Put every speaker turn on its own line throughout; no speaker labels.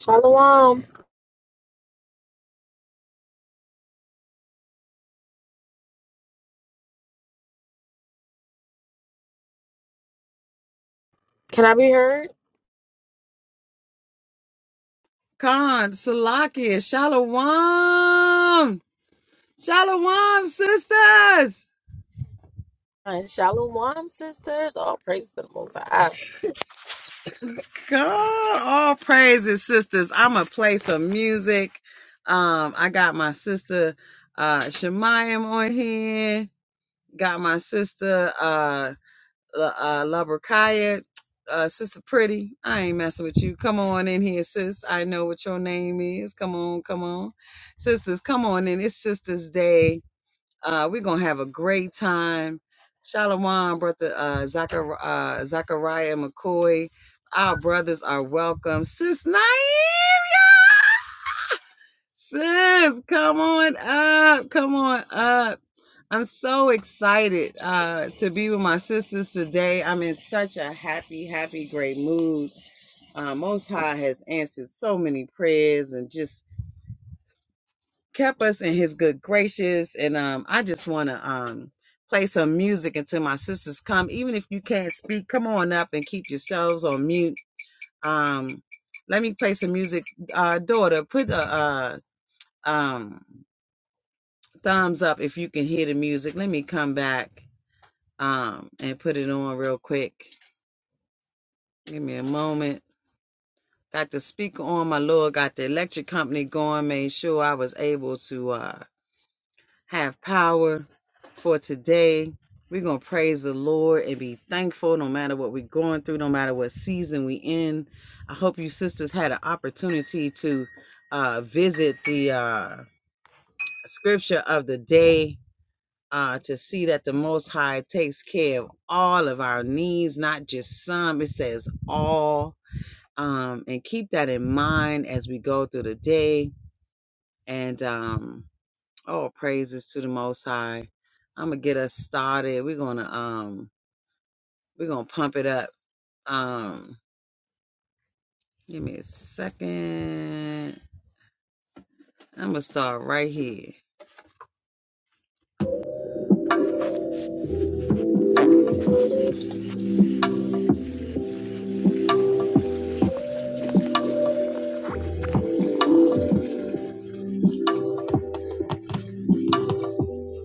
Shalom. Can I be heard? And shalom, sisters. All praise to the Most High.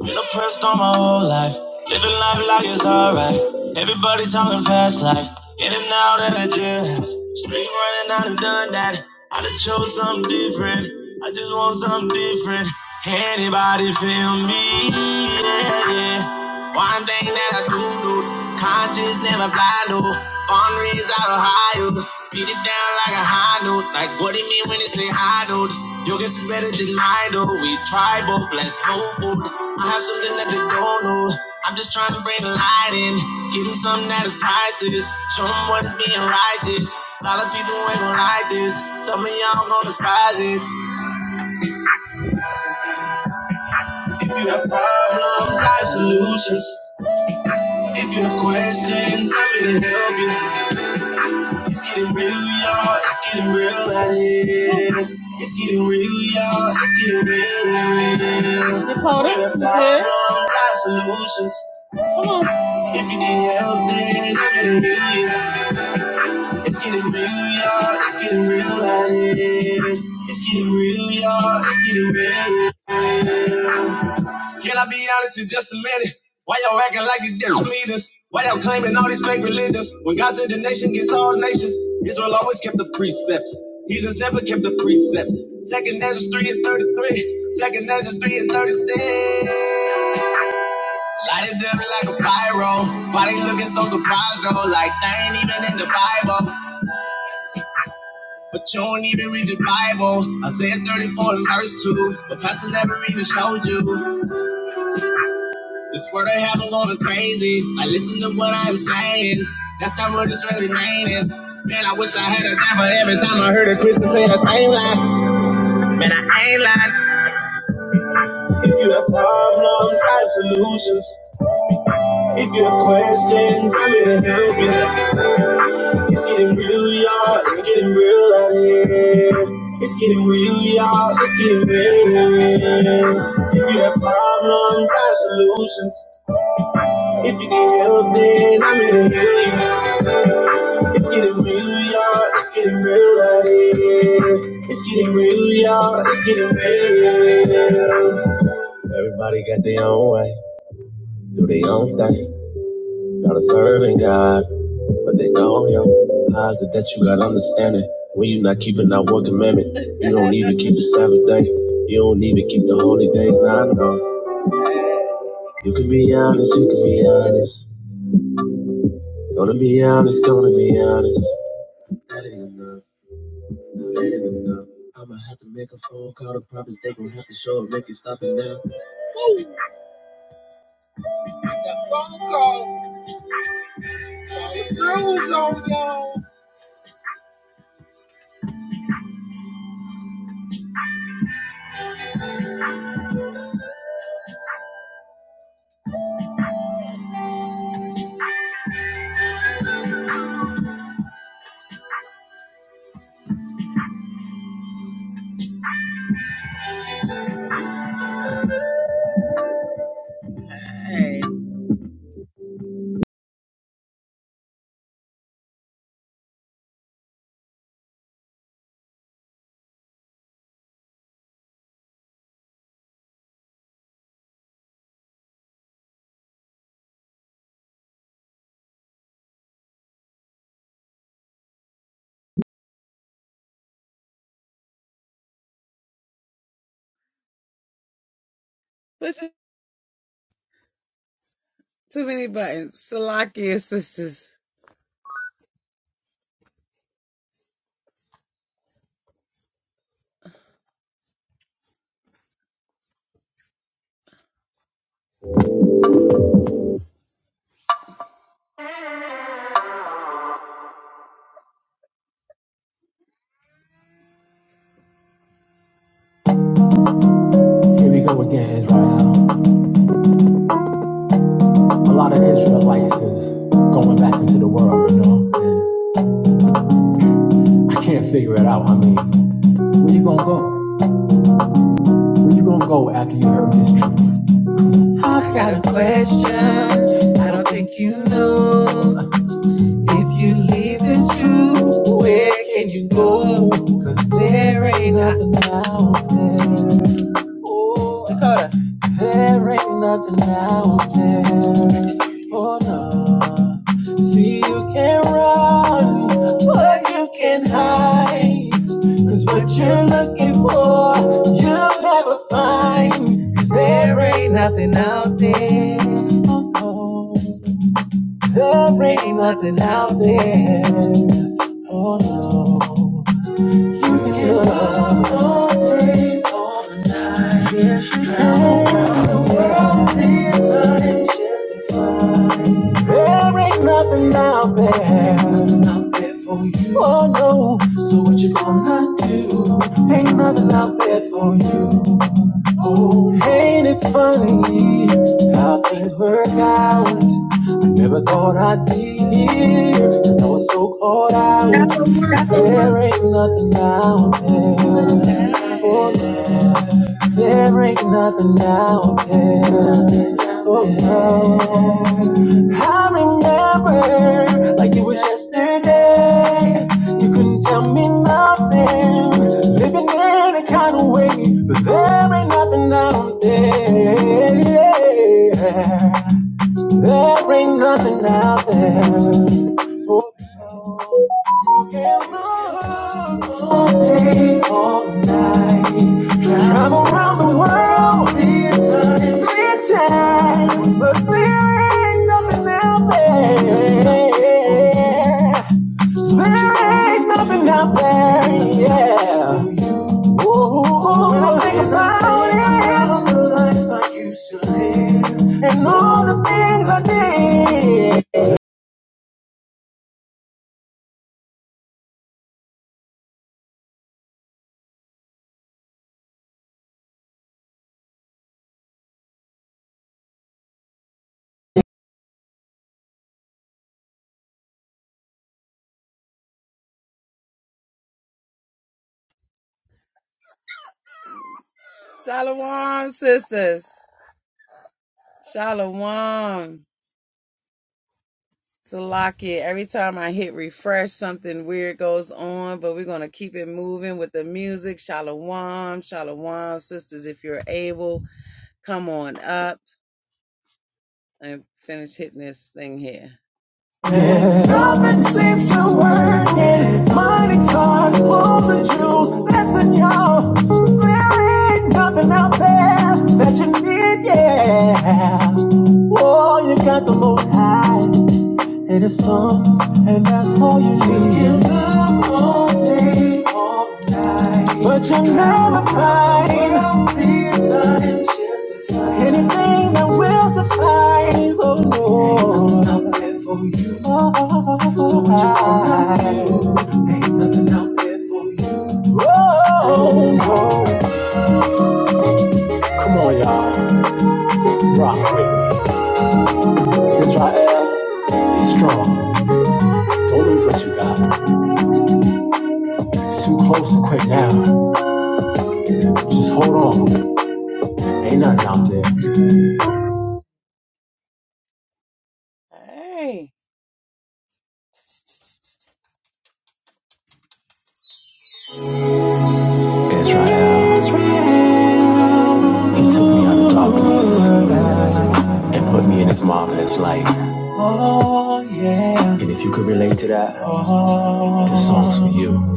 Been oppressed all my whole life. Living life like it's alright. Everybody talking fast life. In and out of the jailhouse. Street running out and done that. I done chose something different. I just want something different. Anybody feel me? Yeah, yeah. One thing that I do do. Cars just never fly low. Born raised out of Ohio. Beat it down like a high note. Like what it mean when it say high note? Your guess is better than mine though. We tribal, let's move forward. I have something that they don't know. I'm just trying to bring the light in. Give them something that is priceless. Show them what is being righteous. A lot of people ain't gonna like this. Some of y'all gonna despise it. If you have problems, I have solutions. If you have questions, I'm here to help you. It's getting real, y'all. It's getting real out here. It's getting real, y'all. It's getting real Dakota, We're the here. solutions. If you need help, then I'm here to heal you. It's getting real, y'all. It's getting real out here. It's getting real, y'all. It's getting real. Can I be honest in just a minute? Why y'all acting like you different leaders? Why y'all claiming all these fake religions? When God said the nation gets all nations, Israel always kept the precepts. Heathens never kept the precepts. Second Ezra 3 and 33. Second Ezra 3 and 36. Light it up like a pyro. Why they looking so surprised though? Like they ain't even in the Bible. But you don't even read your Bible. Isaiah 34 and verse 2. But pastor never even showed you. This word I have, I'm going crazy. I listen to what I'm saying. That's not what it's really meaning. Man, I wish I had a dime, but every time I heard a Christian say the same lie, man, I ain't lying. If you have problems, I have solutions. If you have questions, I'm here to help you. It's getting real, y'all. It's getting real out here. It's getting real, y'all. It's getting real. If you have problems, I have solutions. If you're there, real, y'all. It's getting real out here. It's getting real, y'all. It's getting real. Everybody got their own way, do their own thing. Not a serving God, but they don't him. How is it that you got understanding when you not keeping that one commandment? You don't even keep the Sabbath day. You don't even keep the holy days. Nah, no. You can be honest. You can be honest. Gonna be honest. Gonna be honest. That ain't enough. I'ma have to make a phone call to prophets. They gon' have to show up, make it stop it now. Here we go again, Israel. A lot of Israelites is going back into the world, you know. And I can't figure it out. I mean, where you gonna go? Where you gonna go after you heard this truth? Pray not. There ain't nothing out there. Oh no. See, you can run, but you can hide. Cause what you're looking for, you'll never find. Cause there ain't nothing out there. Oh, there ain't nothing out there. Oh no. There ain't nothing out there. Nothing out there for you. Oh no. So what you gonna do? Ain't nothing out there for you. Oh, ain't it funny how things work out? Never thought I'd be here, 'cause cause I was so caught out.
Number one,
that There ain't nothing out there. Oh, yeah. There ain't nothing out there. Oh, no. I remember like it was yesterday. You couldn't tell me nothing. Living in a kind of way, but there ain't nothing out there. Yeah. There ain't nothing out there. who can love all day, all night. Travel around the world, three times, three times. But there ain't nothing out there. So There ain't nothing out there, yeah. Oh, when I think about it. All the truth, listen, y'all. There ain't nothing out there that you need, yeah. Oh, you got the most high, and it's some, and that's all you need. You can love all day, all night, but you will never find find anything that will suffice. Oh, no. So what you gonna do? Ain't nothing out there for you. Whoa, whoa. Come on, y'all. Rock with me. It's Rael. Be strong. Don't lose what you got. It's too close to quit now. Just hold on. Ain't nothing out there. It's Rael. It's Rael. He took me out of darkness and put me in his marvelous light. And if you could relate to that, this song's for you.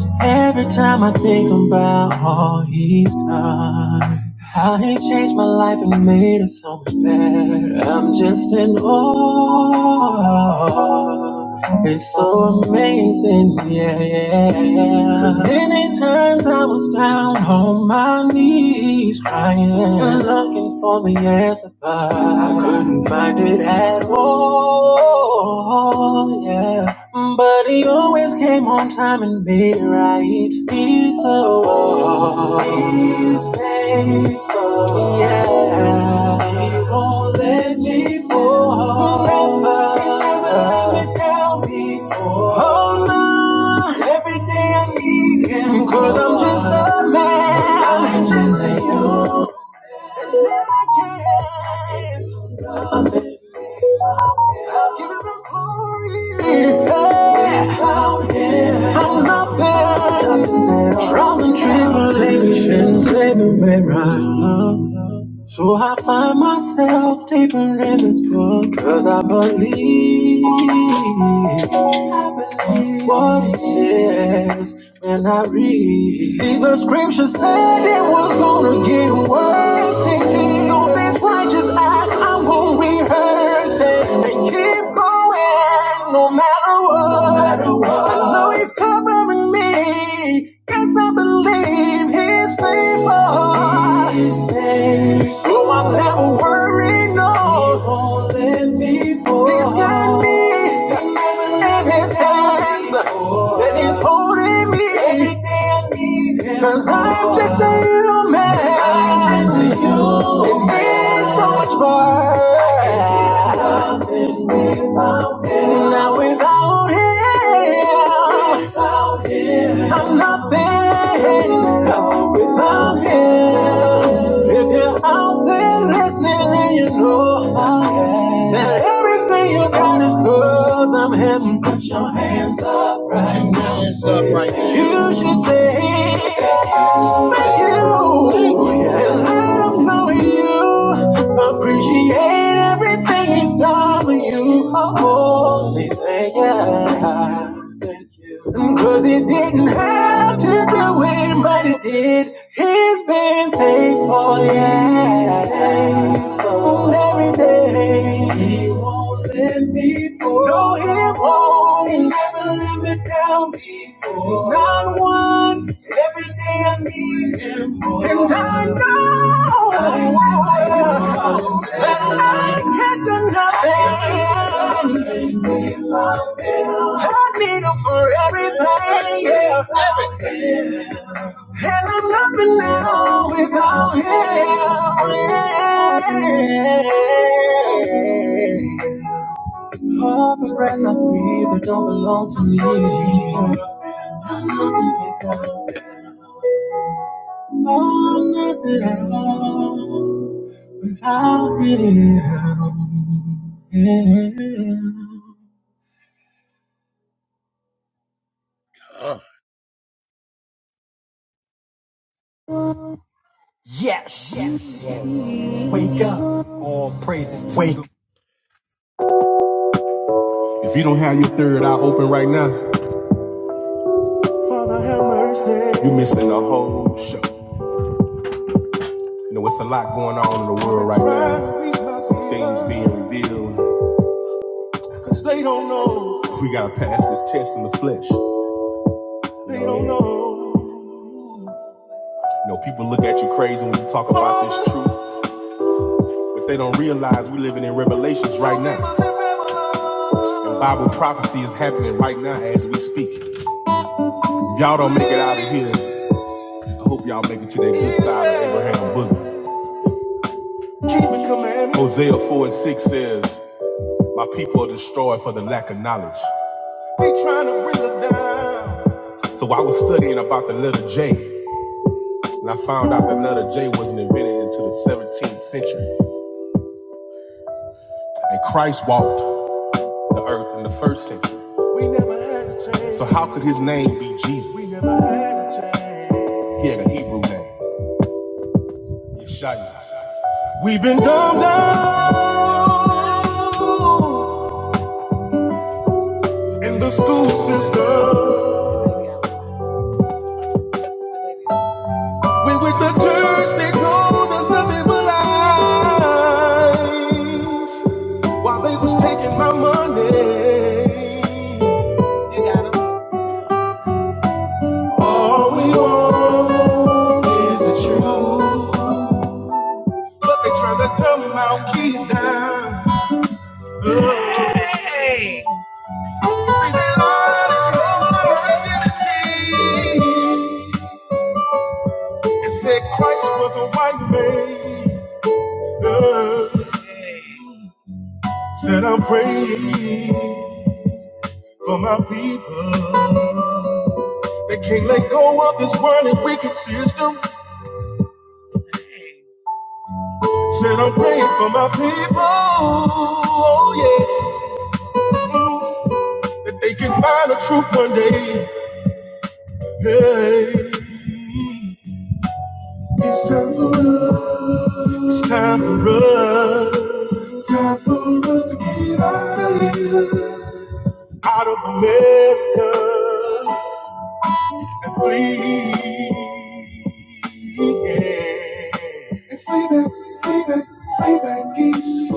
prepared. I'm just in awe. It's so amazing, yeah, yeah. 'Cause many times I was down on my knees crying, looking for the answer, but I couldn't find it at all, yeah. But he always came on time and made it right. He's so he's faithful. Yeah, he won't let me fall. Never, he never let me down before. Oh no, every day I need him i I'm just a man. I'm just a you. I can't. I'll give you the glory. Yeah. I'm not nothing. Trials and tribulations everywhere I look. So I find myself deeper in this book Cause I believe I believe what it says when I read See the scripture said it was gonna get worse So these righteous acts I'm gonna rehearse it And keep going no matter what, no matter what. I know he's covering me Yes, I believe he's faithful. He's faithful. So I'm never worried, no. He won't let me fall. He's got me He'll in his hands. And he's holding me. Everything I need. him Cause I'm just a human. 'Cause I'm just a human. It means so much more. I can't do nothing without him. Now without him, Without him nothing, I'm nothing without him. If you're out there listening and you know that everything you got is i I'm him, put your hands up right now. You should say thank you. And I don't know you. Appreciate everything he's done for you. Oh, oh. say thank you. Thank you. Cause he didn't have to do it, but he did. He's been faithful, yeah faithful every day. He won't let me fall. No, he won't. He never let me down before. Not once. Every day I need him more. And I know I just that I can't do nothing. I need him for everything. yeah. And I'm nothing now without him. Yeah. All the breath I breathe, that don't belong to me. I'm nothing without him. Oh, I'm nothing at all without him. Yeah. Father, have mercy. You're missing the whole show. You know, it's a lot going on in the world right now. Things being revealed. Cause they don't know. We gotta pass this test in the flesh. They don't know. You know, people look at you crazy when you talk about this truth, but they don't realize we're living in revelations right now. And Bible prophecy is happening right now as we speak. If y'all don't make it out of here, I hope y'all make it to their good side of Abraham's bosom. Keep the commandments. Hosea 4 and 6 says, My people are destroyed for the lack of knowledge. They trying to bring us down. So I was studying about the letter J. And I found out that letter J wasn't invented until the 17th century. And Christ walked the earth in the first century. We never had a J. So how could his name be Jesus? We never had a J. He had a Hebrew name, Yeshua. We've been dumbed down in the school system. We with the church, they told us nothing but lies. While they was taking my money, all we want is the truth. But they trying to dumb our keys down. See, they lied and stole our identity. And said Christ was a white man. Uh, said I'm praying for my people. They can't let go of this running wicked system. Said I'm praying for my people. Oh yeah, that they can find the truth one day. Hey, it's time for us. It's time for us. It's time for us to get out of here, out of America, and flee. And Way back, way back, way back east.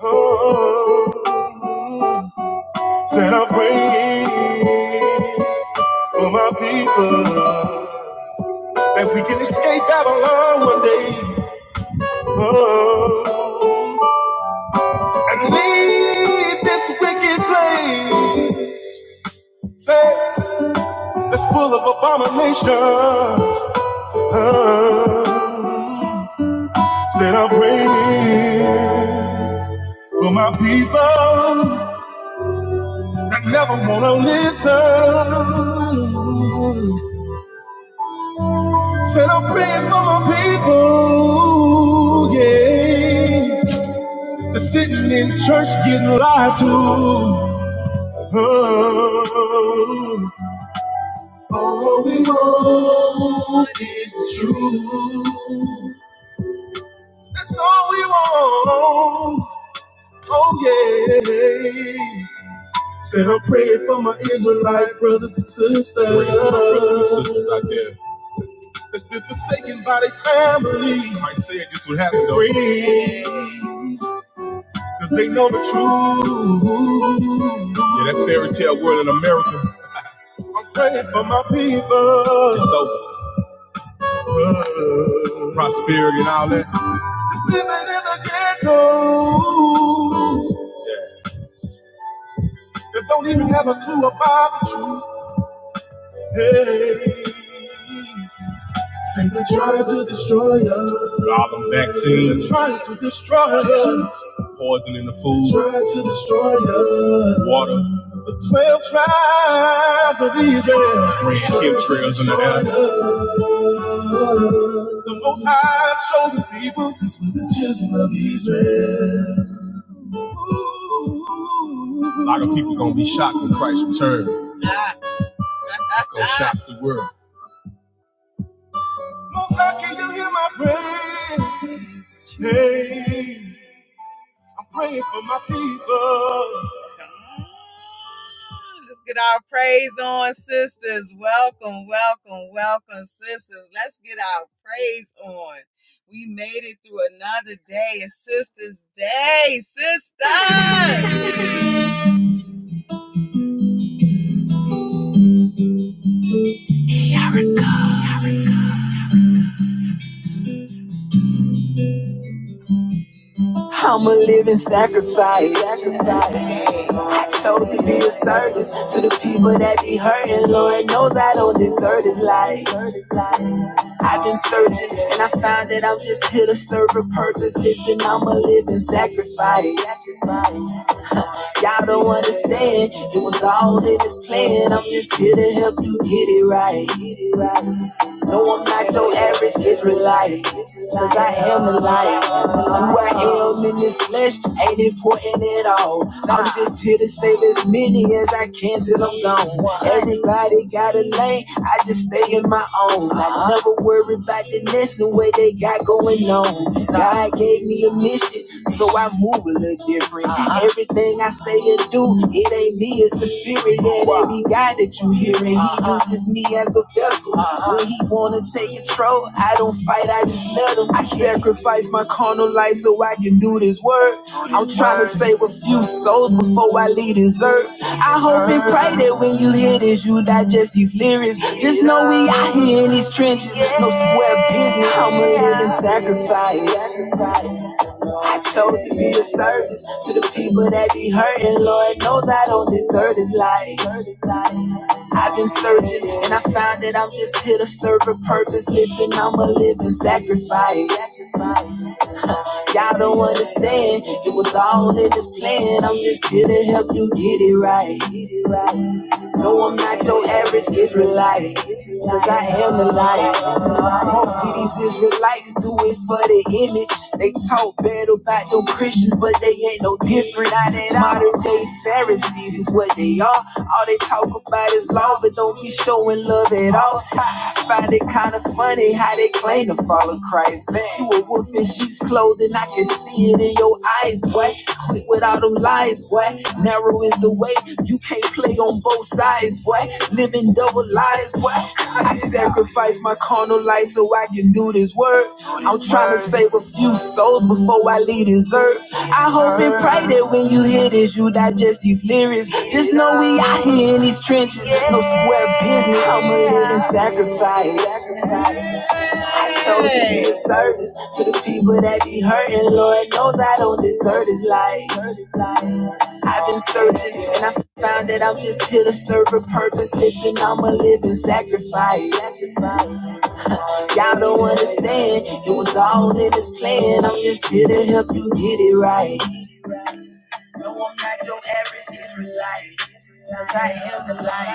Oh, said I'm praying for my people that we can escape Babylon one day. Oh, and leave this wicked place. Say, that's full of abominations. Oh, Said I'm praying for my people that never wanna listen. Said I'm praying for my people, yeah. They're sitting in church getting lied to. Oh, all we want is the truth. That's all we want. Oh yeah. Said I'm praying for my Israelite brothers and sisters. Praying for my brothers and sisters out there. That's been forsaken by their family. Might say this would happen though. Friends, Cause they know the truth. Yeah, that fairy tale world in America. I'm praying for my people. It's over. Prosperity and all that. Just living in the ghettos. Yeah. That don't even have a clue about the truth. Hey. Satan tried to destroy us. Problem vaccines. Trying to destroy us. Poison in the food. Trying to destroy us. Water. The twelve tribes of Israel. Spraying chemtrails in the air. The most high chosen people. is we the children of Israel. A lot of people gonna be shocked when Christ returns. It's gonna shock the world. Most high, can you hear my prayer? Hey, I'm praying for my people. chose to be a service to the people that be hurting. Lord knows I don't deserve this life. I've been searching and I found that I'm just here to serve a purpose. Listen, I'm a living sacrifice. Y'all don't understand. It was all in this plan. I'm just here to help you get it right. No, I'm not your average Israelite. Cause I am a liar. Who I am in this flesh ain't important at all. I'm just here to save as many as I can till I'm gone. Everybody got a lane, I just stay in my own. I never worry about the next and what they got going on. God gave me a mission, so I move a little different. Everything I say and do, it ain't me me is the spirit that every guy that you hearing, he uses me as a vessel. When he wanna take control, I don't fight, I just let him. I sacrifice my carnal life so I can do this work. I'm trying to save a few souls before I leave this earth. I hope and pray that when you hear this, you digest these lyrics. Just know we out here in these trenches, no square business. I'm a living sacrifice. I chose to be a service to the people that be hurting. Lord knows I don't deserve this life. I've been searching and I found that I'm just here to serve a purpose. Listen, I'm a living sacrifice. Y'all don't understand. It was all in this plan. I'm just here to help you get it right. No, I'm not your average Israelite. Cause I am the light. Most of these Israelites do it for the image. They talk bad about them Christians, but they ain't no different. Modern day Pharisees is what they are. All they talk about is law, but don't be showing love at all. I find it kind of funny how they claim to follow Christ. You a wolf in sheep's clothing, I can see it in your eyes, boy. Quit with all them lies, boy. Narrow is the way, you can't play on both sides, boy. Living double lives, boy. I sacrifice my carnal life so I can do this work. I'm trying to save a few souls before I leave this earth. I hope and pray that when you hear this, you digest these lyrics. Just know we out here in these trenches, no square business. I'm a living sacrifice. Show me the service to the people that be hurting. Lord knows I don't deserve this life. I've been searching and I found that I'm just here to serve a purpose. Listen, I'm a living sacrifice. Y'all don't understand. It was all in this plan. I'm just here to help you get it right. No, I'm not your average Israelite. Cause I am the light.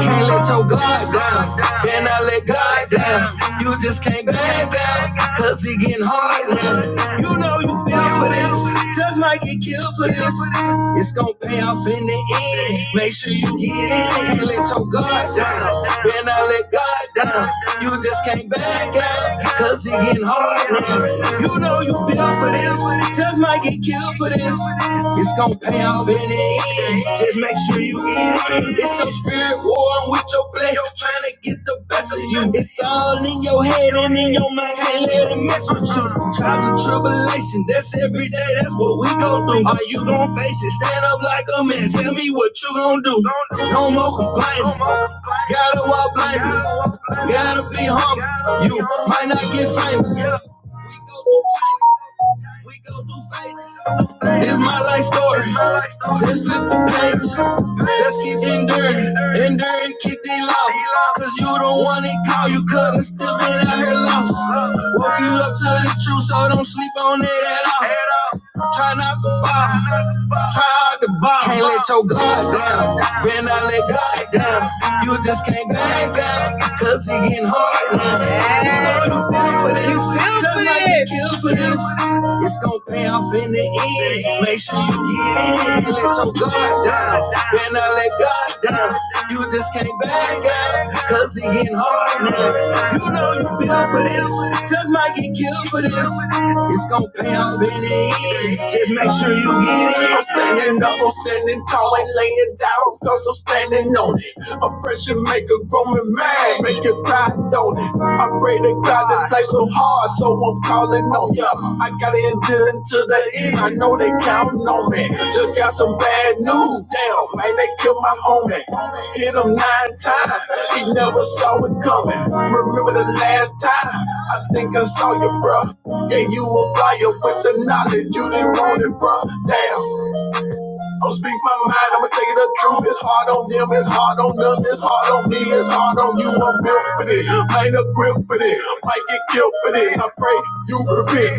Can't let your guard down, and I let God down. You just can't back down, cause it getting hard now. You know you fell for this, just might get killed for this. It's gonna pay off in the end. Make sure you get in. Can't let your guard down, and I let God down. You just can't back out, cause it getting hard now. You know you feel for this, just might get killed for this. It's gonna pay off in the end. Just make sure you get it. It's some spirit war with your flesh, trying to get the best of you. It's all in your head and in your mind, can't let it mess with Trials and tribulation, that's every day, that's what we go through. Are you gon' face it? Stand up like a man, tell me what you gon' do. No more complaining, gotta walk blameless, gotta be humble. You might not get famous. We go through changes, we go through phases. It's my life story. Just flip the page. Just keep enduring. Enduring, keep the love. Cause you don't want it call. You couldn't still been out here lost. Woke you up to the truth, so don't sleep on it at all. Try not to fall. Try hard to ball. Can't let your guard down. Better not let God down. You just can't back down. Cause it getting hard now. You know you feel for this might it is. Kill for this. It's gonna pay off in the end. Make sure you get in. Let your guard down. Better not let God down. You just can't back out. Cause it getting hard now. You know you feel for this. Just might get killed for this. It's gonna pay off in the end. Just make sure you get in. I'm standing up, I'm standing tall, ain't laying down, cause I'm standing on it. Oppression make a grown man, make you cry, don't it? I pray to God that life's so hard, so I'm calling on ya. I got to endure until the end. I know they counting on me. Just got some bad news. Damn, man, they killed my homie. Hit him nine times. He never saw it coming. Remember the last time? I think I saw you, bruh. Gave you a fire with some knowledge. You didn't want it, bruh. Damn. I'm speak my mind, I'ma tell you the truth. It's hard on them, it's hard on us, it's hard on me, it's hard on you. I'm built for this, ain't a grip for this, might get killed for this. I pray you repent.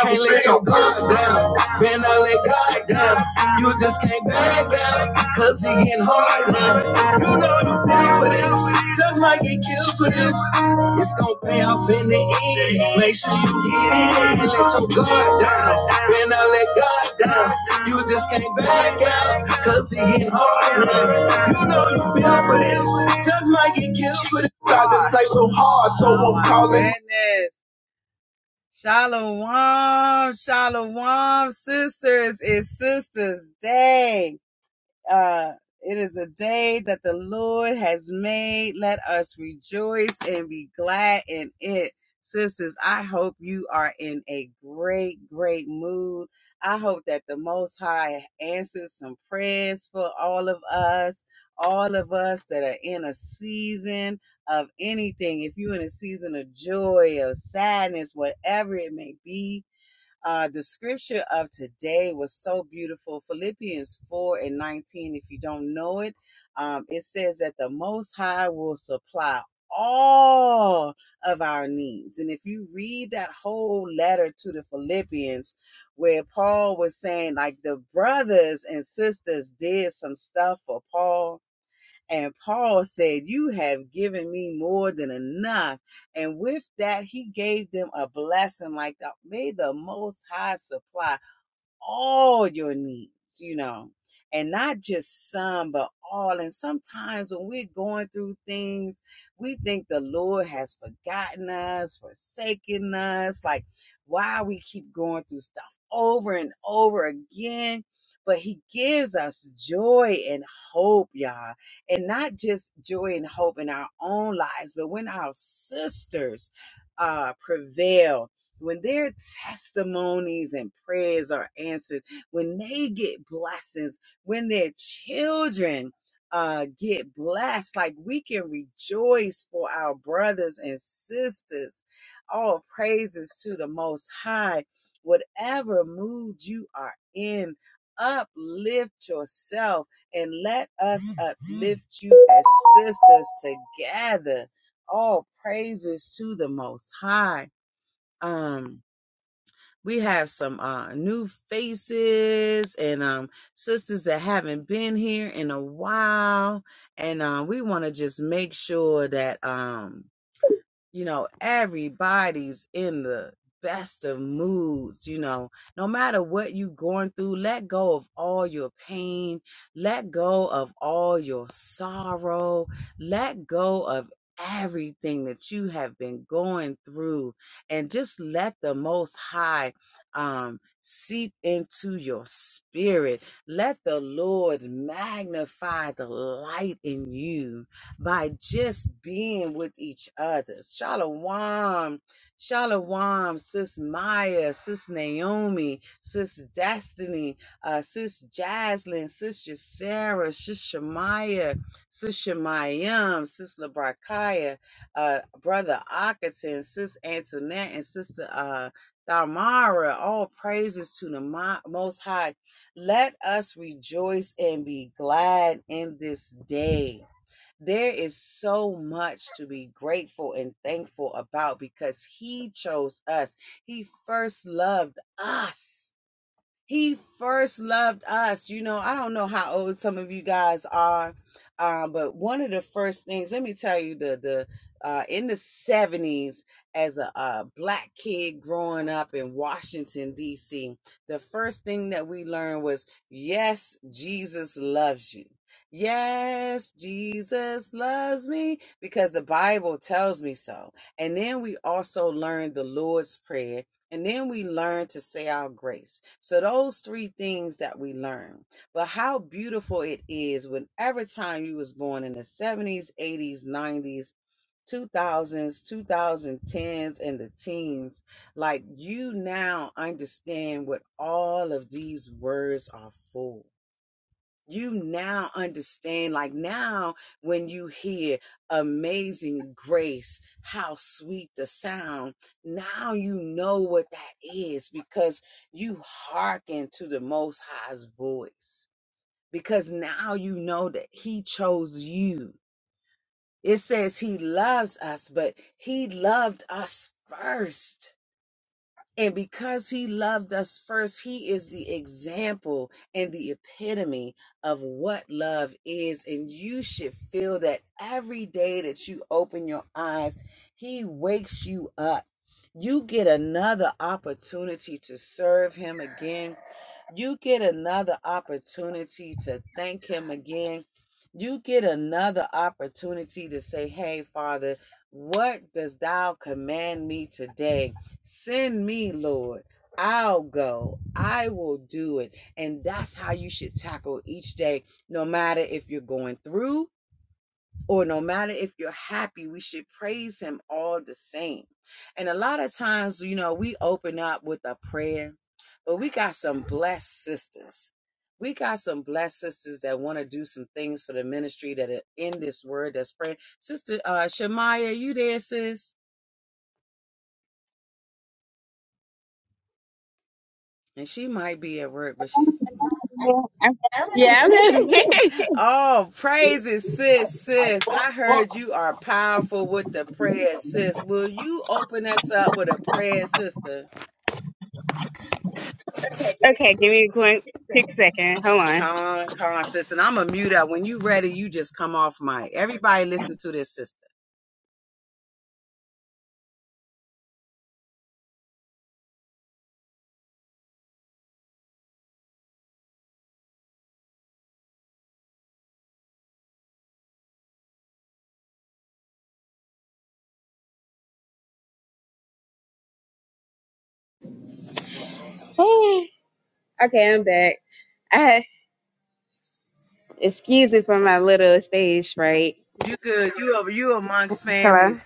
Can't let your guard down. Better not let God down. You just can't back down. Cause he getting hard now. You know you pay for this. Just might get killed for this. It's gonna pay off in the end. Make sure you get in. Can't let your guard down. Better not let God down. You just can't back out. Cause he getting hard now. You know you pay for this. Just might get killed for this. I just play so hard, so
Yeah, I'm, yeah, I'm just okay. Give me a quick, quick second. Hold on. Hey. okay, I'm back. I, excuse me for my little stage fright. Hello.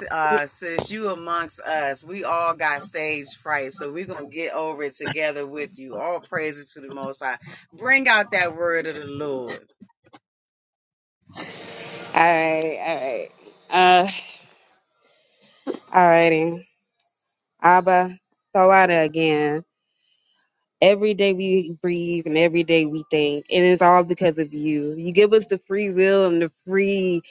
All right, all right. Uh, alrighty. righty. Abba, Tawada again. Every day we breathe and every day we think, and it's all because of you. You give us the free will and the free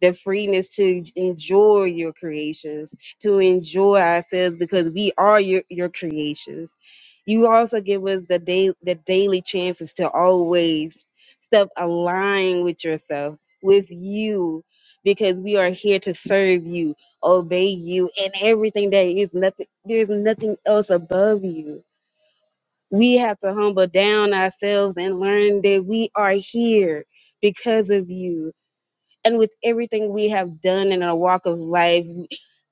the freedness to enjoy your creations, to enjoy ourselves because we are your, your creations. You also give us the day the daily chances to always step align with yourself, with you, because we are here to serve you, obey you, and everything that is nothing there's nothing else above you. We have to humble down ourselves and learn that we are here because of you and with everything we have done in our walk of life,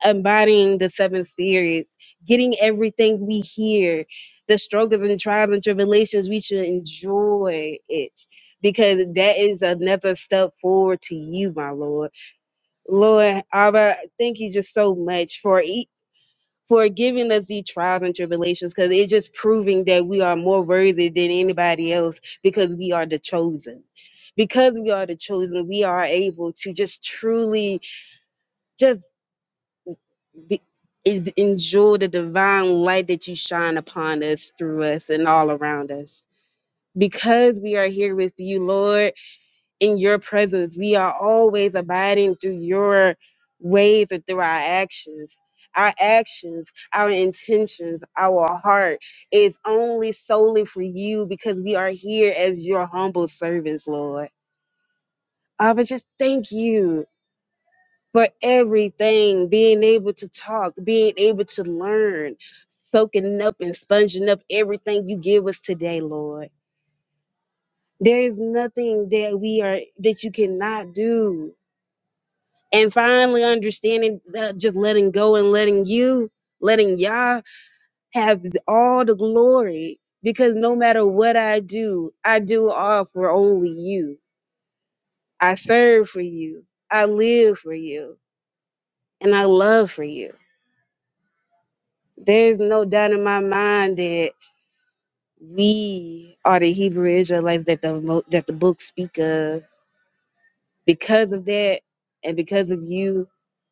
embodying the seven spirits, getting everything we hear, the struggles and trials and tribulations, we should enjoy it because that is another step forward to you, my Lord. Lord, Abba, thank you just so much for it for giving us these trials and tribulations because it's just proving that we are more worthy than anybody else because we are the chosen. Because we are the chosen, we are able to just truly just be, en- enjoy the divine light that you shine upon us, through us, and all around us. Because we are here with you, Lord in your presence. We are always abiding through your ways and through our actions. Our actions, our intentions, our heart is only solely for you because we are here as your humble servants, Lord. I but just thank you for everything, being able to talk, being able to learn, soaking up and sponging up everything you give us today, Lord. There is nothing that we are that you cannot do. and finally understanding that just letting go and letting you letting y'all have all the glory because no matter what i do i do all for only you i serve for you i live for you and i love for you there's no doubt in my mind that we are the hebrew israelites that the mo- that the books speak of because of that and because of you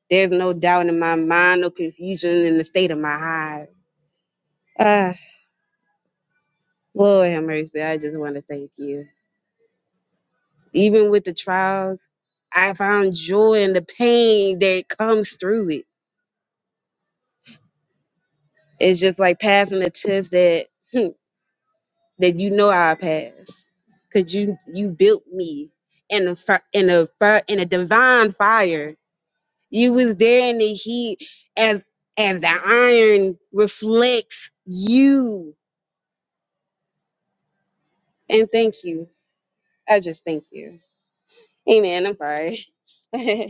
there's no doubt in my mind no confusion in the state of my heart Ah. Lord have mercy. I just want to thank you. Even with the trials, I found joy in the pain that comes through it. It's just like passing a test that hmm, that you know I pass, cause you you built me in a fi- in a fi- in a divine fire. You was there in the heat as as the iron reflects you. And thank you. I just thank you. Amen. I'm sorry.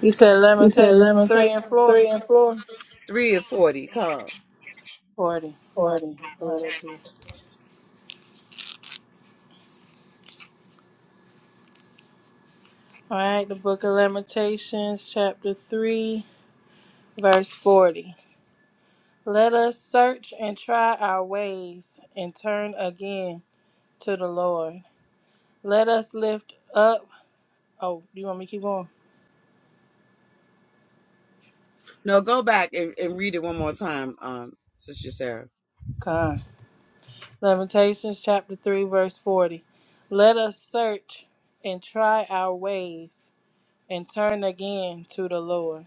You said Lamentations 3 and 4? 40. All right, pull it up here. All right, the book of Lamentations, chapter 3, verse 40. Let us search and try our ways and turn again to the Lord. Let us lift up. Oh, you want me to keep on? Come. Lamentations, chapter 3, verse 40. Let us search and try our ways and turn again to the Lord.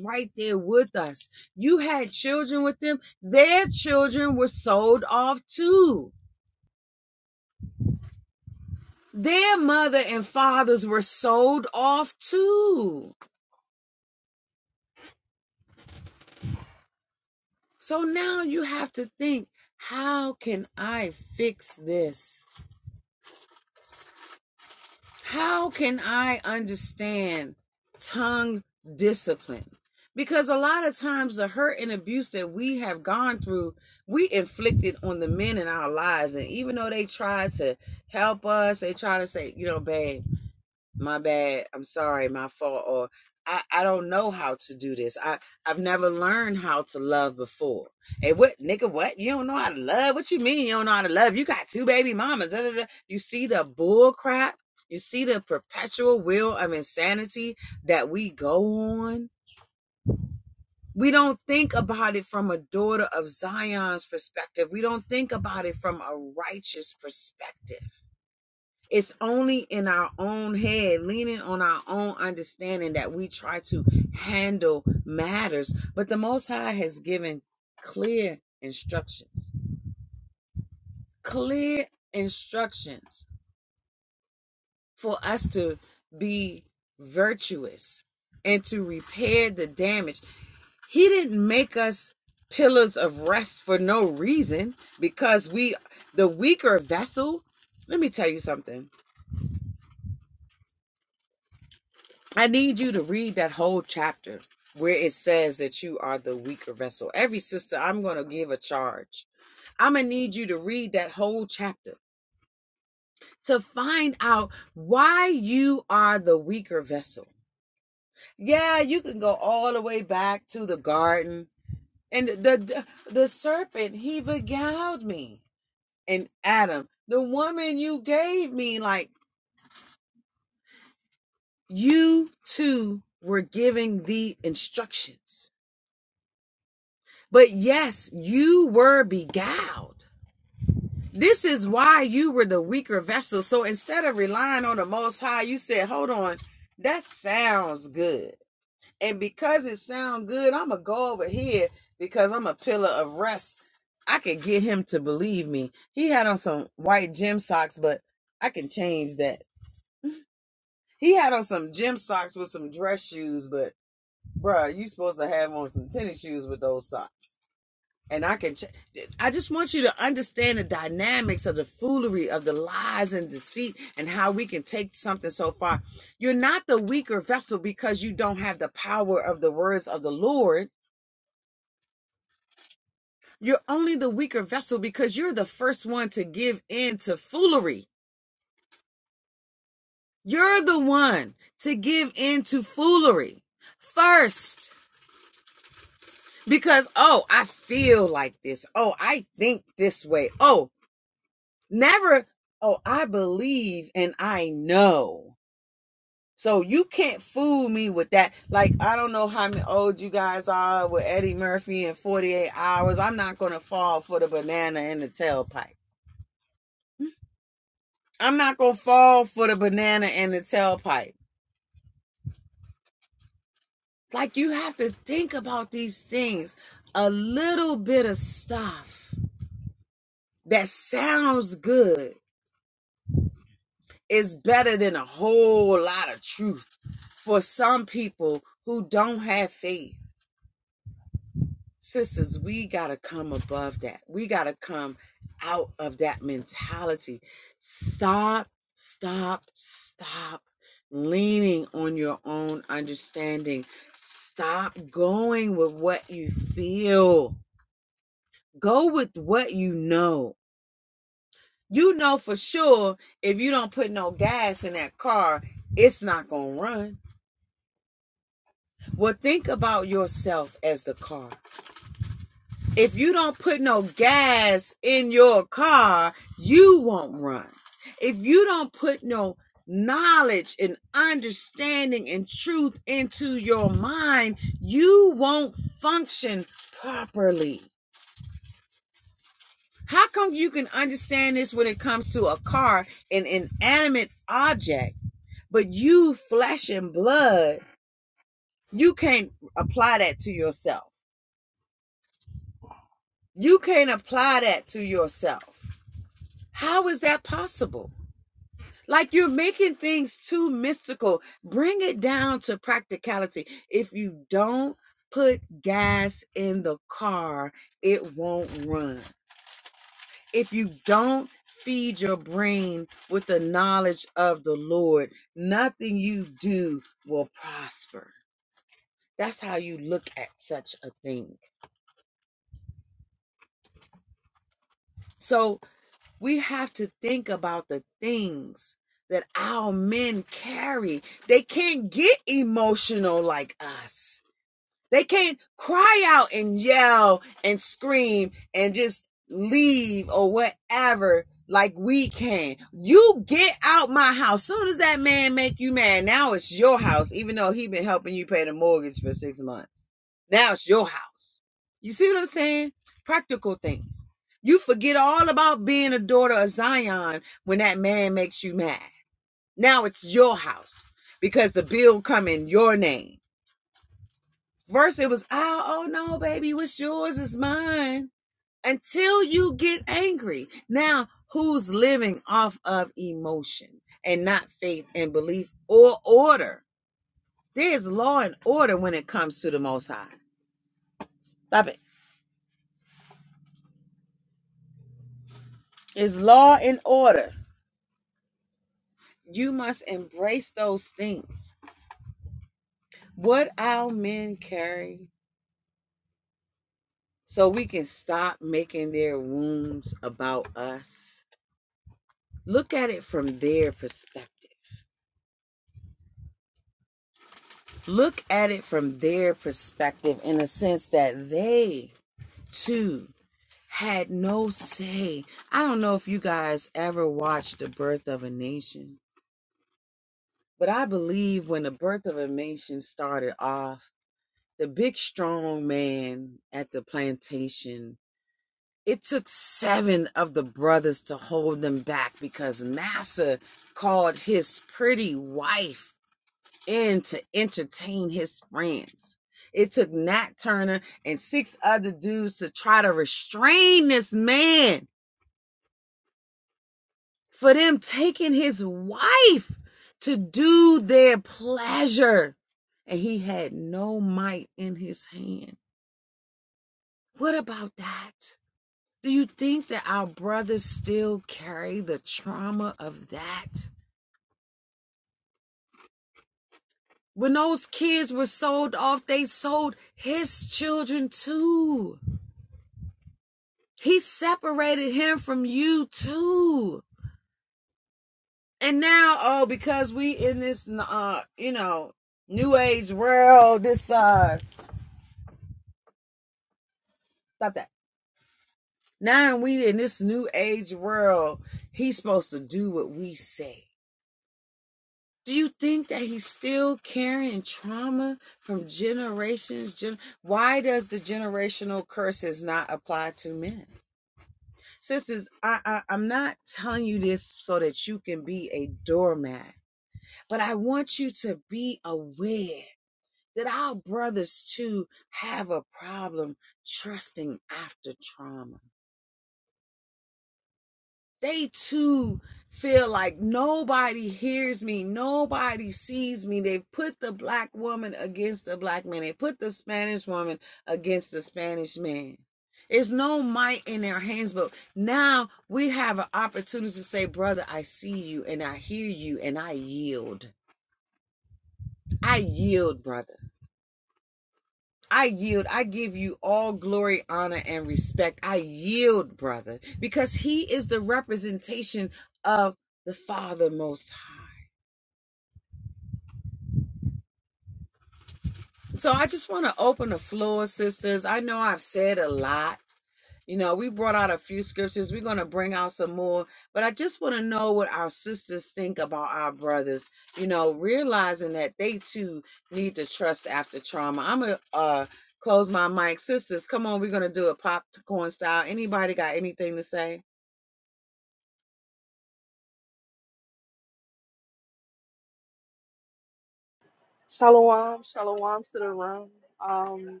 Shalom, shalom to the room. Um,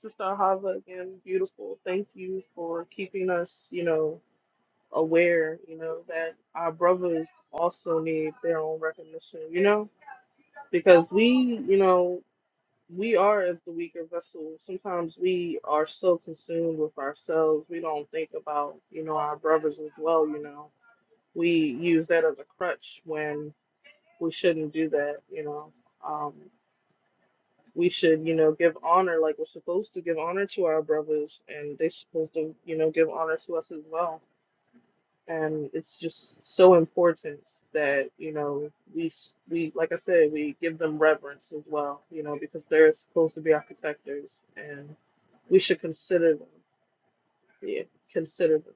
Sister Hava, again, beautiful. Thank you for keeping us, you know, aware, you know, that our brothers also need their own recognition, you know, because we, you know, we are as the weaker vessel. Sometimes we are so consumed with ourselves, we don't think about, you know, our brothers as well, you know. We use that as a crutch when we shouldn't do that, you know. Um, we should, you know, give honor like we're supposed to give honor to our brothers, and they're supposed to, you know, give honor to us as well. And it's just so important that you know we s- we like I said we give them reverence as well, you know, because they're supposed to be our protectors, and we should consider them. Yeah, consider them.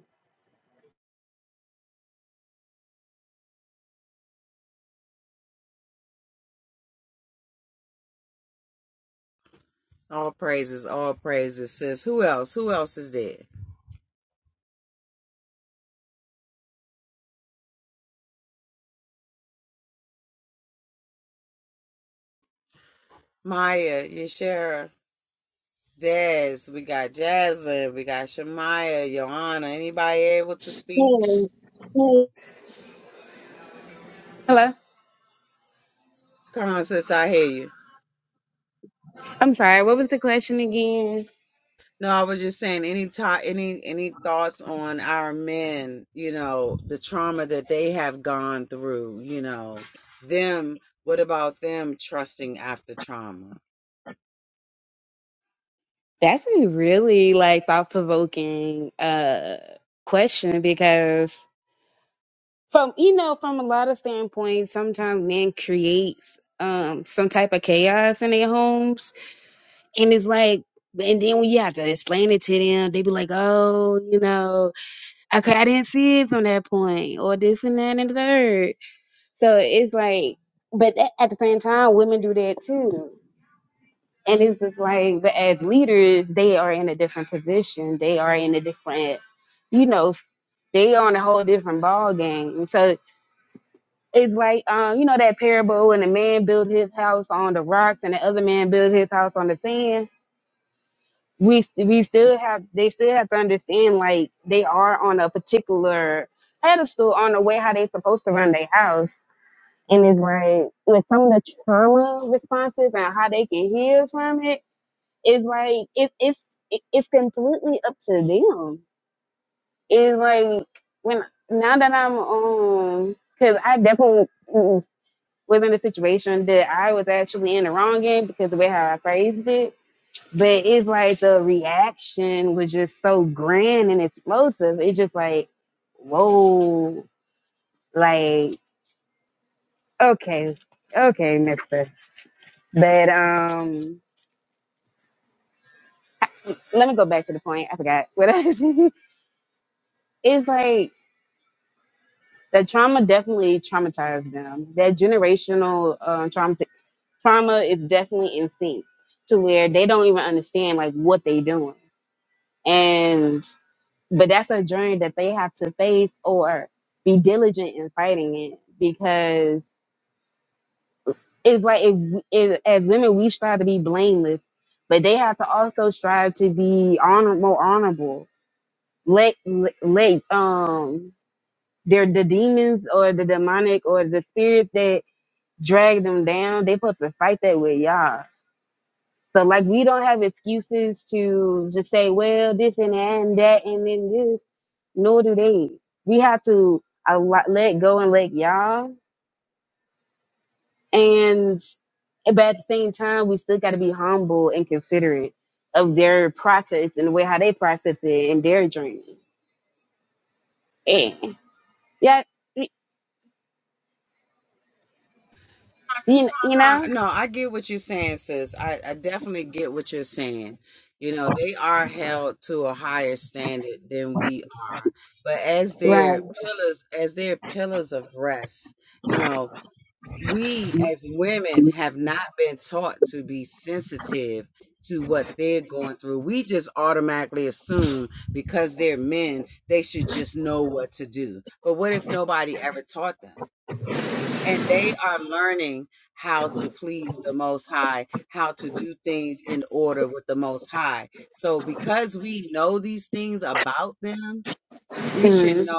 Hello. I'm sorry, what was the question again? That's a really like thought provoking uh question because from you know, from a lot of standpoints, sometimes men creates um some type of chaos in their homes. And it's like and then when you have to explain it to them, they be like, Oh, you know, okay, I didn't see it from that point, or this and that and the third. So it's like but at at the same time, women do that too. and it's just like but as leaders they are in a different position they are in a different you know they are on a whole different ball game And so it's like um you know that parable when the man built his house on the rocks and the other man built his house on the sand we s- we still have they still have to understand like they are on a particular pedestal on the way how they supposed to run their house and it's like with some of the trauma responses and how they can heal from it it's like it, it's it, it's completely up to them. It's like when now that I'm um, because I definitely was in a situation that I was actually in the wrong in because the way how I phrased it. But it's like the reaction was just so grand and explosive. It's just like, whoa, like okay, okay, Mister. But um, let me go back to the point. I forgot what I was. it's like that trauma definitely traumatized them. That generational uh, trauma, trauma is definitely in sync to where they don't even understand like what they doing. And but that's a journey that they have to face or be diligent in fighting it because it's like if, if, as women we strive to be blameless, but they have to also strive to be honor more honorable. Let let let, um their the demons or the demonic or the spirits that. drag them down. They supposed to fight that with y'all. So like we don't have excuses to just say, well, this and that and that and then this, nor do they. We have to a lot, let go and let y'all. And but at the same time, we still gotta be humble and considerate of their process and the way how they process it and their journey. Yeah. Yeah. You, you know? Right. Mhm.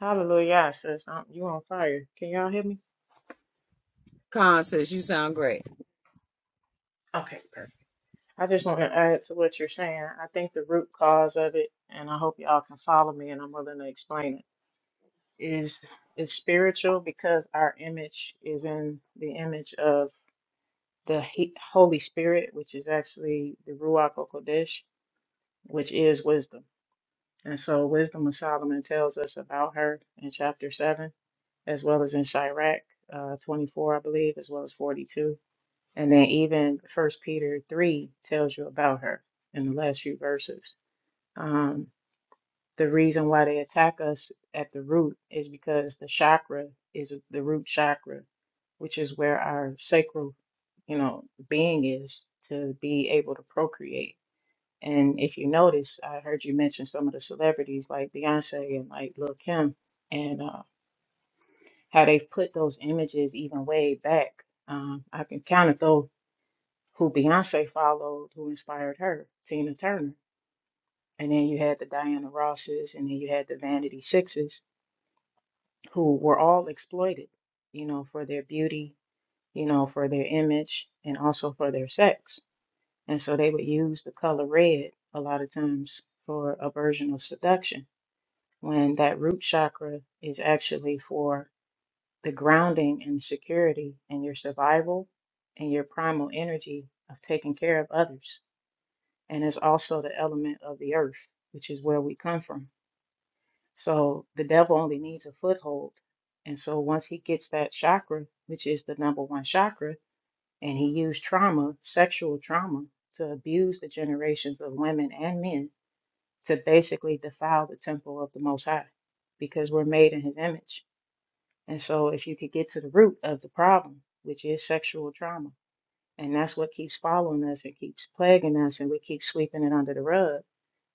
Hallelujah. Sis, i you on fire. Can y'all hear me? Okay, perfect. I just want to add to what you're saying. I think the root cause of it, and I hope y'all can follow me and I'm willing to explain it, is is spiritual because our image is in the image of the he- Holy Spirit, which is actually the Ruach HaKodesh, which is wisdom. And so wisdom of Solomon tells us about her in chapter 7, as well as in Sirach uh, 24, I believe, as well as 42 And then even First Peter 3 tells you about her in the last few verses. Um, the reason why they attack us at the root is because the chakra is the root chakra, which is where our sacral, you know, being is to be able to procreate. And if you notice, I heard you mention some of the celebrities like Beyonce and like Lil Kim, and uh, how they've put those images even way back. Um, I can kind of throw who Beyonce followed, who inspired her, Tina Turner. And then you had the Diana Rosses, and then you had the Vanity Sixes, who were all exploited, you know, for their beauty, you know, for their image, and also for their sex. And so they would use the color red a lot of times for a version of seduction, when that root chakra is actually for the grounding and security and your survival and your primal energy of taking care of others and it's also the element of the earth, which is where we come from. So the devil only needs a foothold. And so once he gets that chakra, which is the number one chakra, and he used trauma, sexual trauma, to abuse the generations of women and men to basically defile the temple of the Most High because we're made in his image. And so if you could get to the root of the problem, which is sexual trauma, and that's what keeps following us and keeps plaguing us and we keep sweeping it under the rug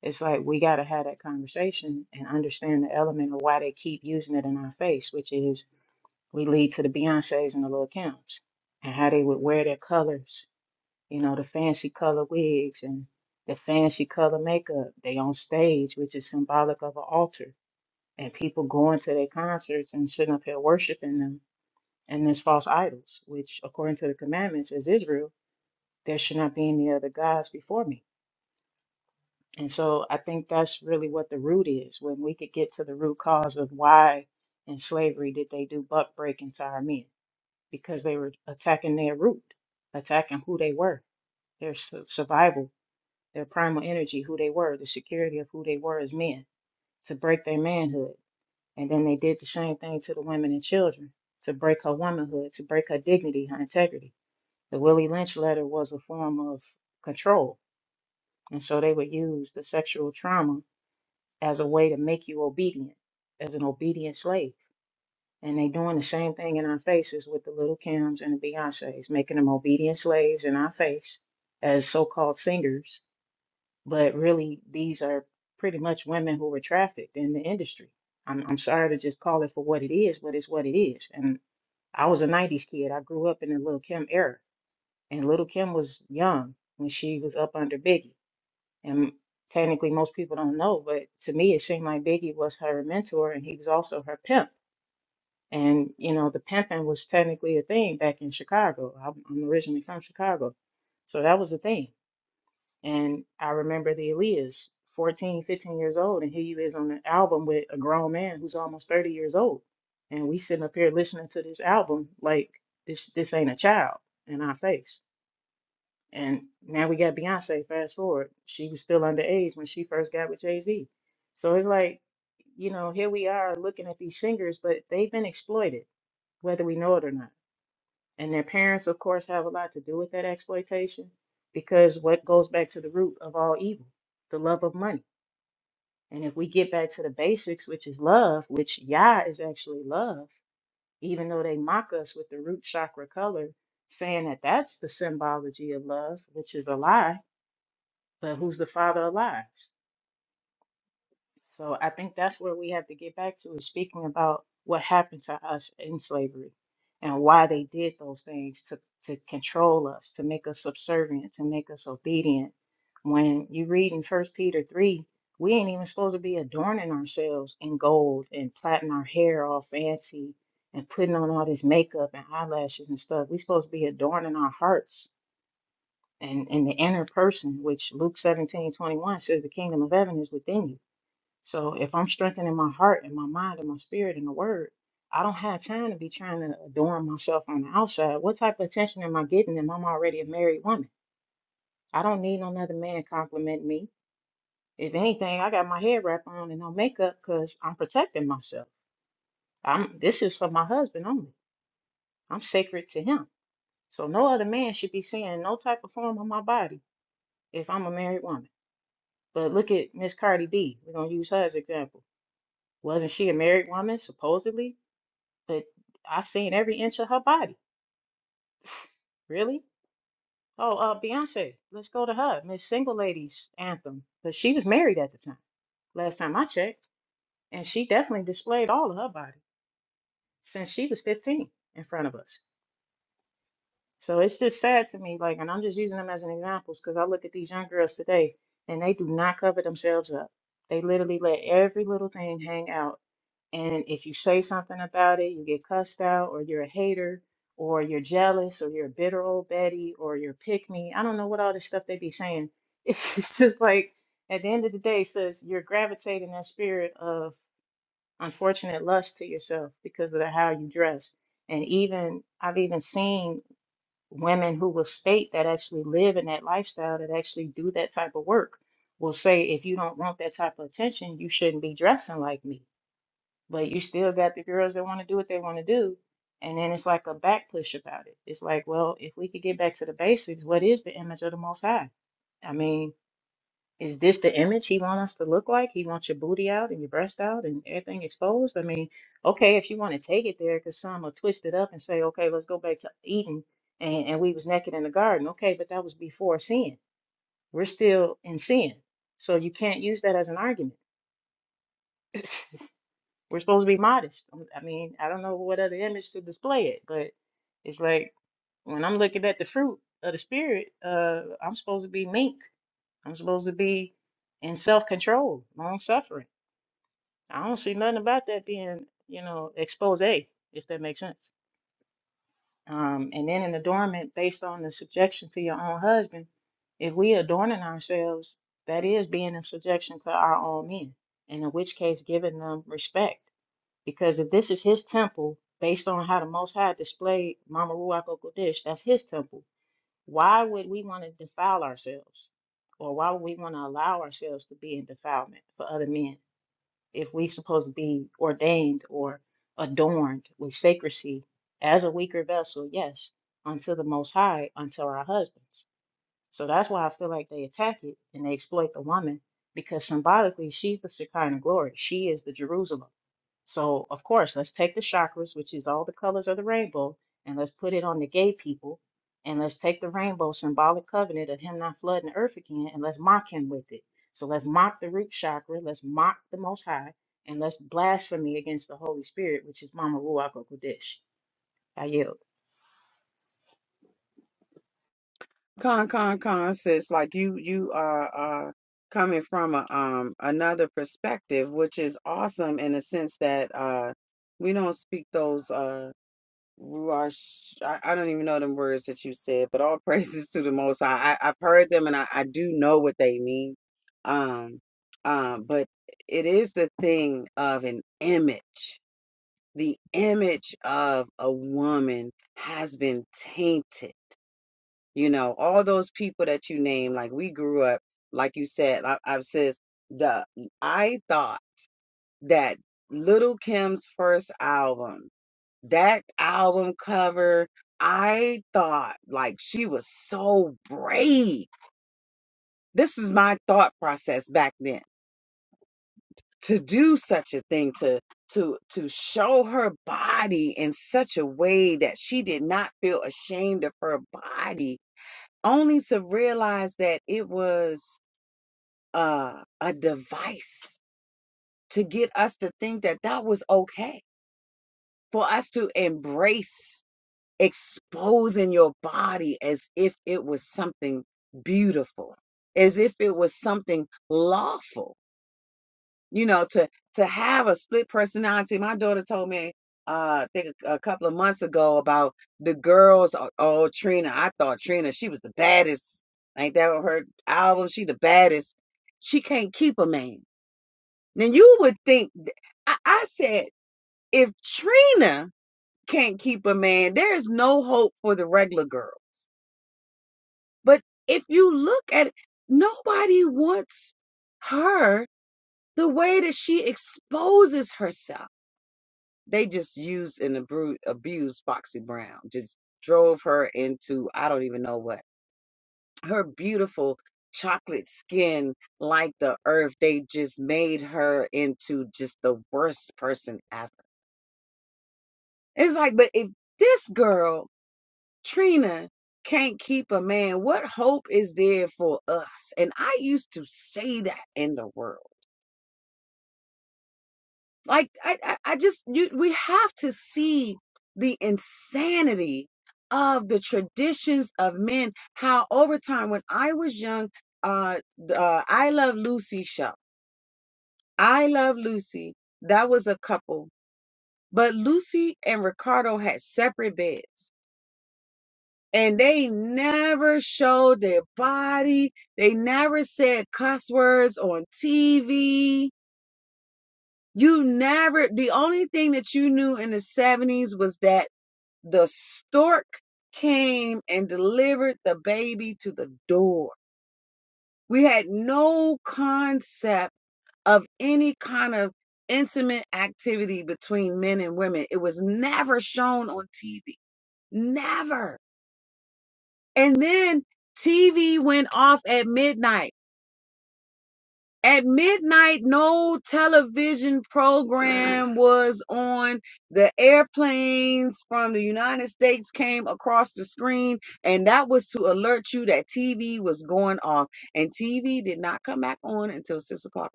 it's like we got to have that conversation and understand the element of why they keep using it in our face, which is we lead to the Beyoncés and the Lil' Kims and how they would wear their colors, you know, the fancy color wigs and the fancy color makeup. They on stage, which is symbolic of an altar, and people going to their concerts and sitting up here worshiping them and these false idols, which according to the commandments is Israel, there should not be any other gods before me And so I think that's really what the root is. When we could get to the root cause of why in slavery did they do buck breaking to our men? Because they were attacking their root, attacking who they were, their su- survival, their primal energy, who they were, the security of who they were as men, to break their manhood. And then they did the same thing to the women and children, to break her womanhood, to break her dignity, her integrity. The Willie Lynch letter was a form of control. And so they would use the sexual trauma as a way to make you obedient, as an obedient slave. And they doing the same thing in our faces with the little Kims and the Beyoncés, making them obedient slaves in our face as so-called singers. But really, these are pretty much women who were trafficked in the industry. I'm, I'm sorry to just call it for what it is, but it's what it is. And I was a 90s kid. I grew up in the Little Kim era. And Little Kim was young when she was up under Biggie. And technically, most people don't know, but to me, it seemed like Biggie was her mentor and he was also her pimp. And, you know, the pimping was technically a thing back in Chicago. I'm, I'm originally from Chicago. So that was the thing. And I remember the Aaliyahs, 14, 15 years old, and here you is on an album with a grown man who's almost 30 years old. And we sitting up here listening to this album like this this ain't a child in our face. And now we got Beyonce, fast forward. She was still underage when she first got with Jay-Z. So it's like, you know, here we are looking at these singers, but they've been exploited, whether we know it or not. And their parents, of course, have a lot to do with that exploitation because what goes back to the root of all evil, the love of money. And if we get back to the basics, which is love, which Yah is actually love, even though they mock us with the root chakra color, saying that that's the symbology of love, which is a lie but who's the father of lies? So I think that's where we have to get back to is speaking about what happened to us in slavery and why they did those things to, to control us, to make us subservient, to make us obedient. When you read in First Peter 3, we ain't even supposed to be adorning ourselves in gold and plaiting our hair all fancy and putting on all this makeup and eyelashes and stuff. we supposed to be adorning our hearts and and the inner person, which Luke 17 21 says the kingdom of heaven is within you. So if I'm strengthening my heart and my mind and my spirit in the word, I don't have time to be trying to adorn myself on the outside. What type of attention am I getting if I'm already a married woman? I don't need another man complimenting me. If anything, I got my head wrap on and no makeup because I'm protecting myself. I'm this is for my husband only. I'm sacred to him. So no other man should be seeing no type of form on my body if I'm a married woman. But look at Miss Cardi B. We're gonna use her as an example. Wasn't she a married woman, supposedly? But I seen every inch of her body. Really? Oh, uh, Beyonce. Let's go to her. Miss Single Ladies Anthem. But she was married at the time. Last time I checked, and she definitely displayed all of her body since she was 15 in front of us. So it's just sad to me. Like, and I'm just using them as an examples because I look at these young girls today, and they do not cover themselves up. They literally let every little thing hang out And if you say something about it, you get cussed out, or you're a hater, or you're jealous, or you're a bitter old Betty, or you're pick me. I don't know what all this stuff they be saying. It's just like at the end of the day, it says you're gravitating that spirit of unfortunate lust to yourself because of the, how you dress. And even I've even seen women who will state that actually live in that lifestyle that actually do that type of work will say, if you don't want that type of attention, you shouldn't be dressing like me but you still got the girls that want to do what they want to do. And then it's like a back push about it. It's like, well, if we could get back to the basics, what is the image of the Most High? I mean, is this the image he wants us to look like? He wants your booty out and your breast out and everything exposed? I mean, okay, if you want to take it there, because some will twist it up and say, okay, let's go back to Eden and, and we was naked in the garden. Okay, but that was before sin. We're still in sin. So you can't use that as an argument. We're supposed to be modest. Um, I mean, I don't know what other image to display it, but it's like when I'm looking at the fruit of the spirit, uh, I'm supposed to be meek. I'm supposed to be in self-control, long suffering. I don't see nothing about that being, you know, expose, if that makes sense. Um, and then in adornment, based on the subjection to your own husband, if we adorning ourselves, that is being in subjection to our own men, and in which case giving them respect because if this is his temple, based on how the Most High displayed Mama Ruach Kodesh, that's his temple. Why would we want to defile ourselves? Or why would we want to allow ourselves to be in defilement for other men if we supposed to be ordained or adorned with sacrecy as a weaker vessel, yes, unto the Most High, unto our husbands? So that's why I feel like they attack it and they exploit the woman because symbolically she's the Shekinah glory. She is the Jerusalem. So of course, let's take the chakras, which is all the colors of the rainbow, and let's put it on the gay people, and let's take the rainbow symbolic covenant of him not flooding the earth again, and let's mock him with it. So let's mock the root chakra, let's mock the Most High, and let's blasphemy against the Holy Spirit, which is Mama Ruach HaKodesh. I yield.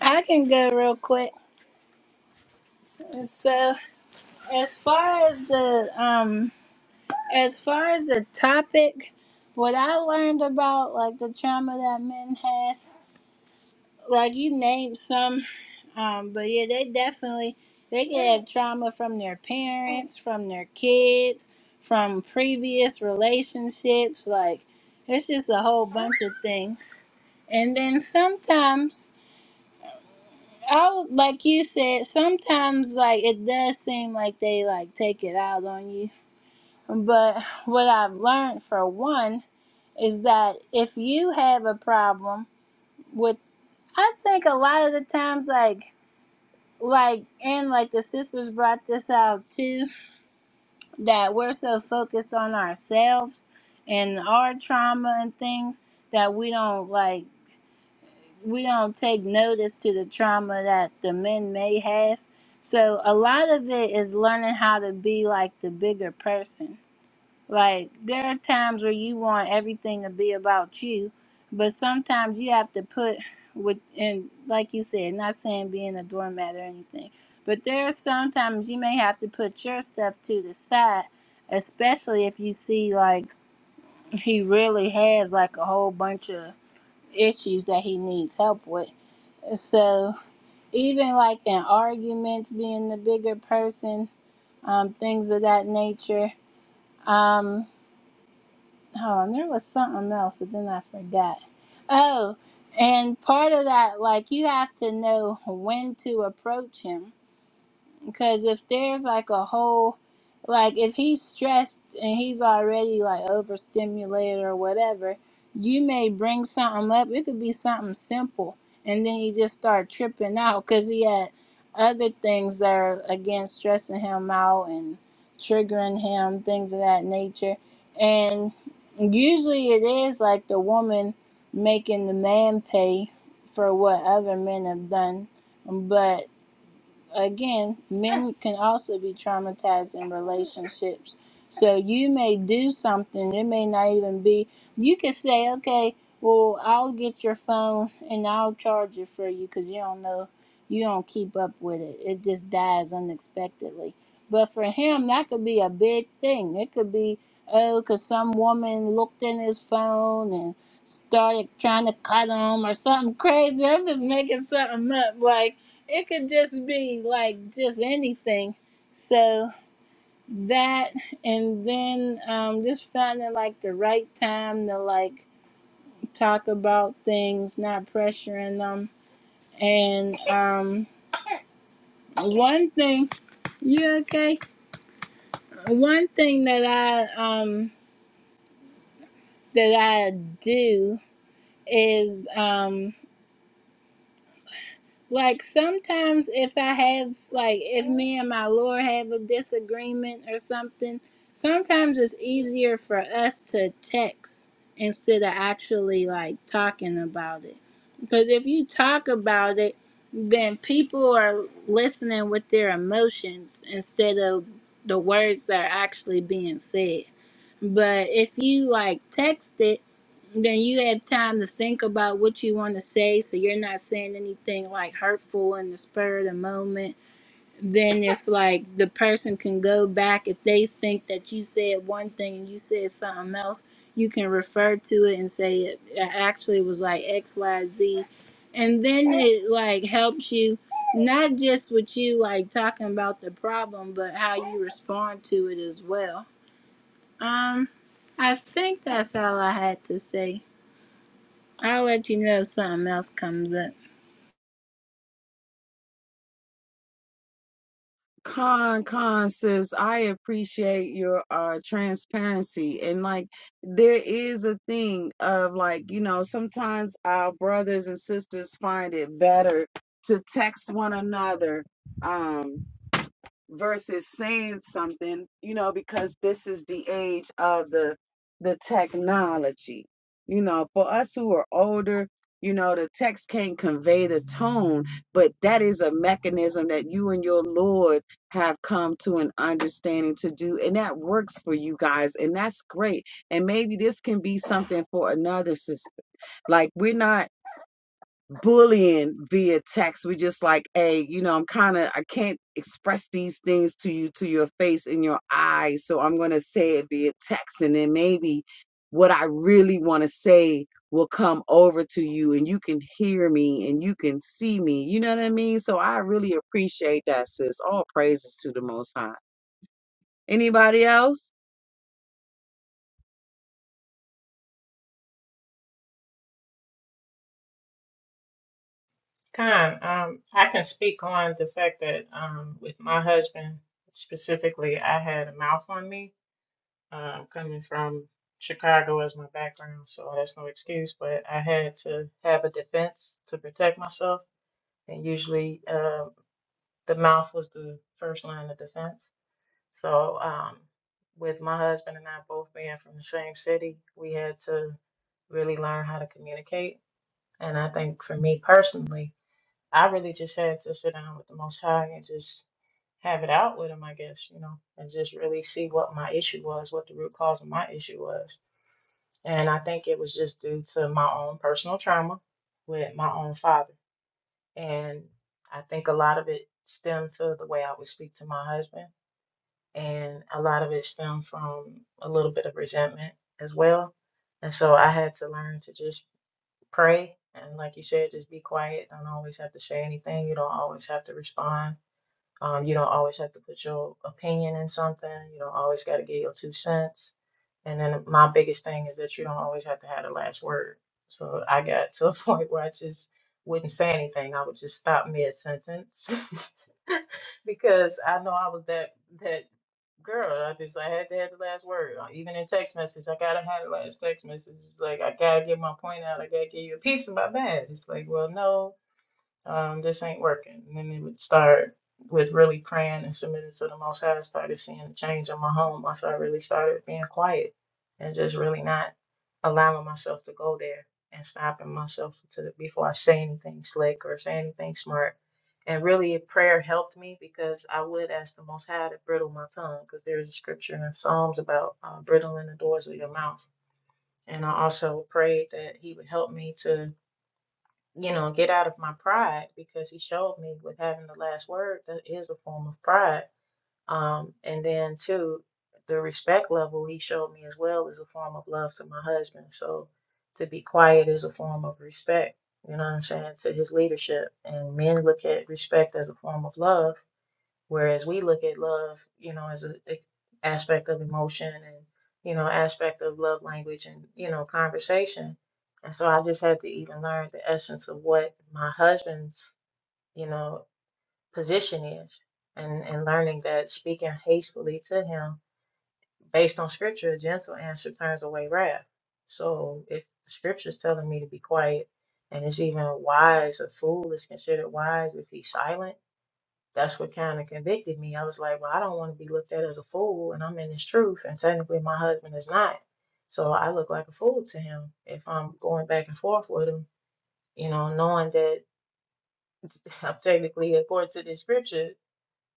I can go real quick. So, as far as the um, as far as the topic, what I learned about like the trauma that men have, like you named some, um, but yeah, they definitely they can have trauma from their parents, from their kids, from previous relationships. Like it's just a whole bunch of things. And then sometimes I was like you said, sometimes like it does seem like they like take it out on you. But what I've learned for one is that if you have a problem with I think a lot of the times like like and like the sisters brought this out too, that we're so focused on ourselves and our trauma and things that we don't like we don't take notice to the trauma that the men may have. So a lot of it is learning how to be like the bigger person. Like there are times where you want everything to be about you, but sometimes you have to put with and like you said, not saying being a doormat or anything, but there are sometimes you may have to put your stuff to the side, especially if you see like he really has like a whole bunch of issues that he needs help with. So even like in arguments, being the bigger person, um, things of that nature. Um, hold on, there was something else, but then I forgot. Oh, and part of that, like you have to know when to approach him because if there's like a whole, like if he's stressed and he's already like overstimulated or whatever, you may bring something up. It could be something simple, and then he just start tripping out because he had other things that are again stressing him out and triggering him, things of that nature. And usually it is like the woman making the man pay for what other men have done, but again, men can also be traumatized in relationships. So you may do something, it may not even be, you could say, okay, well, I'll get your phone and I'll charge it for you because you don't know, you don't keep up with it. It just dies unexpectedly. But for him, that could be a big thing. It could be, oh, because some woman looked in his phone and started trying to cut him or something crazy. I'm just making something up. Like, it could just be like just anything. So that, and then um, just finding like the right time to like talk about things, not pressuring them. And um, one thing, you okay? One thing that I um that I do is um Like sometimes if I have like if me and my Lord have a disagreement or something, sometimes it's easier for us to text instead of actually like talking about it. Because if you talk about it, then people are listening with their emotions instead of the words that are actually being said. But if you like text it then you had time to think about what you want to say, so you're not saying anything like hurtful in the spur of the moment. Then it's like the person can go back if they think that you said one thing and you said something else. You can refer to it and say it actually was like X, Y, Z, and then it like helps you not just with you like talking about the problem, but how you respond to it as well. Um, I think that's all I had to say. I'll let you know if something else comes up.
Con, um, I can speak on the fact that um, with my husband specifically, I had a mouth on me. Um, coming from Chicago as my background, so that's no excuse. But I had to have a defense to protect myself, and usually um the mouth was the first line of defense. So um, with my husband and I both being from the same city, we had to really learn how to communicate. And I think for me personally. I really just had to sit down with the Most High and just have it out with him, I guess, you know, and just really see what my issue was, what the root cause of my issue was. And I think it was just due to my own personal trauma with my own father. And I think a lot of it stemmed to the way I would speak to my husband. And a lot of it stemmed from a little bit of resentment as well. And so I had to learn to just pray. And like you said, just be quiet. Don't always have to say anything. You don't always have to respond um, you don't always have to put your opinion in something. You don't always got to give your two cents. And then my biggest thing is that you don't always have to have the last word. So I got to a point where I just wouldn't say anything. I would just stop mid sentence because I know I was that that girl. I just I had to have the last word. Uh, Even in text message, I gotta have the last text message. It's like I gotta get my point out. I gotta get you a piece of my mind. It's like, well, no um, this ain't working. And then they would start with really praying and submitting to the Most High. I started seeing a change in my home once I really started being quiet and just really not allowing myself to go there and stopping myself to the, before I say anything slick or say anything smart. And really, prayer helped me because I would ask the Most High to brittle my tongue because there's a scripture in Psalms about uh, brittling the doors of your mouth. And I also prayed that He would help me to you know, get out of my pride because he showed me with having the last word that is a form of pride. Um, and then too, the respect level he showed me as well is a form of love to my husband. So to be quiet is a form of respect. You know what I'm saying? To his leadership. And men look at respect as a form of love Whereas we look at love, you know, as an aspect of emotion and, you know, aspect of love language and, you know, conversation. And so I just had to even learn the essence of what my husband's, you know, position is and, and learning that speaking hastily to him based on scripture, a gentle answer turns away wrath. So if scripture's telling me to be quiet and it's even wise, a fool is considered wise if he's silent that's what kind of convicted me. I was like, well, I don't want to be looked at as a fool, and I'm in this truth, and technically my husband is not. So I look like a fool to him if I'm going back and forth with him, you know, knowing that I'm technically, according to the scripture,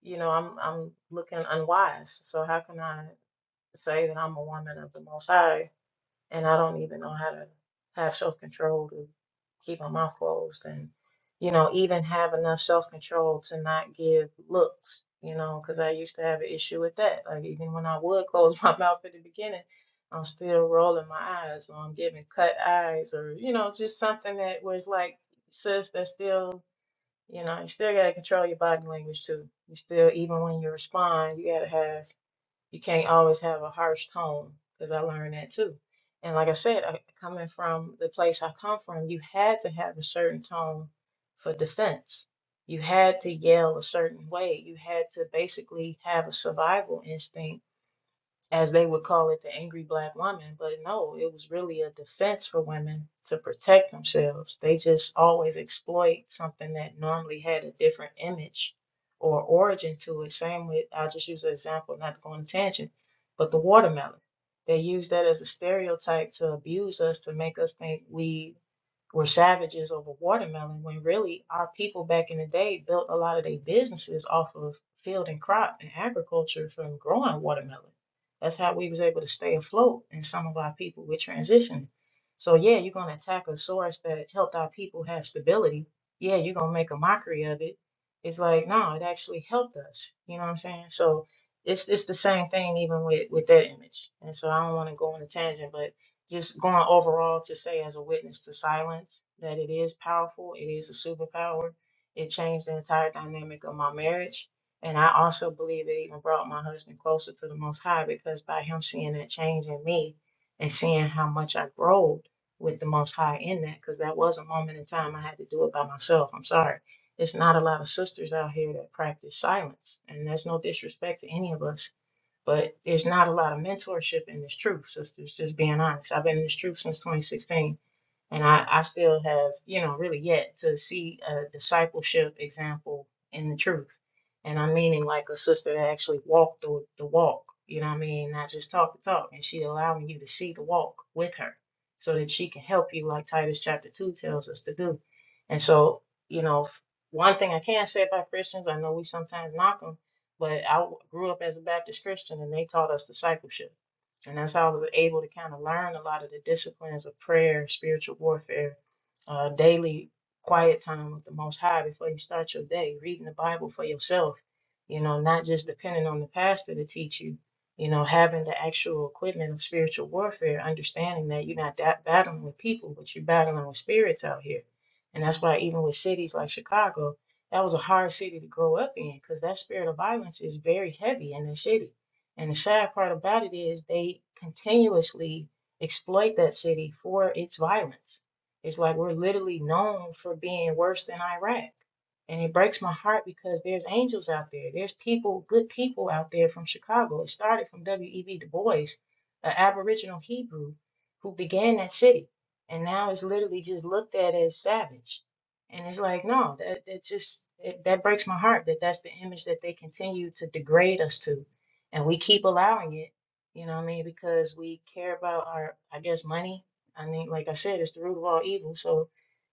you know, I'm I'm looking unwise. So how can I say that I'm a woman of the Most High and I don't even know how to have self control to keep my mouth closed and you know even have enough self control to not give looks you know because I used to have an issue with that like even when I would close my mouth at the beginning I'm still rolling my eyes or I'm giving cut eyes or you know just something that was like sis that's still you know you still gotta control your body language too you still even when you respond you gotta have you can't always have a harsh tone because I learned that too. And like I said, I, coming from the place I come from, you had to have a certain tone for defense. You had to yell a certain way. You had to basically have a survival instinct as they would call it, the angry black woman. But no, it was really a defense for women to protect themselves. They just always exploit something that normally had a different image or origin to it. Same with, I'll just use an example, not to go on a tangent, but the watermelon. They use that as a stereotype to abuse us, to make us think we were savages over watermelon when really our people back in the day built a lot of their businesses off of field and crop and agriculture from growing watermelon. That's how we was able to stay afloat and some of our people were transitioning. So yeah, you're gonna attack a source that helped our people have stability. Yeah, you're gonna make a mockery of it. It's like, no, it actually helped us. You know what I'm saying? So it's it's the same thing even with, with that image. And so I don't wanna go on a tangent, but just going overall to say as a witness to silence that it is powerful, it is a superpower. It changed the entire dynamic of my marriage. And I also believe it even brought my husband closer to the Most High because by him seeing that change in me and seeing how much I growed with the Most High in that, because that was a moment in time I had to do it by myself. I'm sorry. It's not a lot of sisters out here that practice silence. And that's no disrespect to any of us but there's not a lot of mentorship in this truth, sisters, just being honest. I've been in this truth since 2016. And I, I still have, you know, really yet to see a discipleship example in the truth. And I'm meaning like a sister that actually walked the, the walk, you know what I mean? Not just talk the talk. And she allowing you to see the walk with her so that she can help you, like Titus chapter 2 tells us to do. And so, you know, f- one thing I can say about Christians, I know we sometimes knock them, but I w- grew up as a Baptist Christian and they taught us discipleship and that's how I was able to kind of learn a lot of the disciplines of prayer, spiritual warfare, uh, daily quiet time with the Most High before you start your day, reading the Bible for yourself, you know, not just depending on the pastor to teach you, you know, having the actual equipment of spiritual warfare, understanding that you're not that battling with people, but you're battling with spirits out here. And that's why even with cities like Chicago, that was a hard city to grow up in because that spirit of violence is very heavy in the city and the sad part about it is they continuously exploit that city for its violence. It's like we're literally known for being worse than Iraq. And it breaks my heart because there's angels out there. There's people, good people out there from Chicago. It started from W.E.B. Du Bois, an Aboriginal Hebrew who began that city. And now it's literally just looked at as savage. And it's like, no, that, that just, it, that breaks my heart that that's the image that they continue to degrade us to. And we keep allowing it, you know what I mean? Because we care about our, I guess, money. I mean, like I said, it's the root of all evil. So.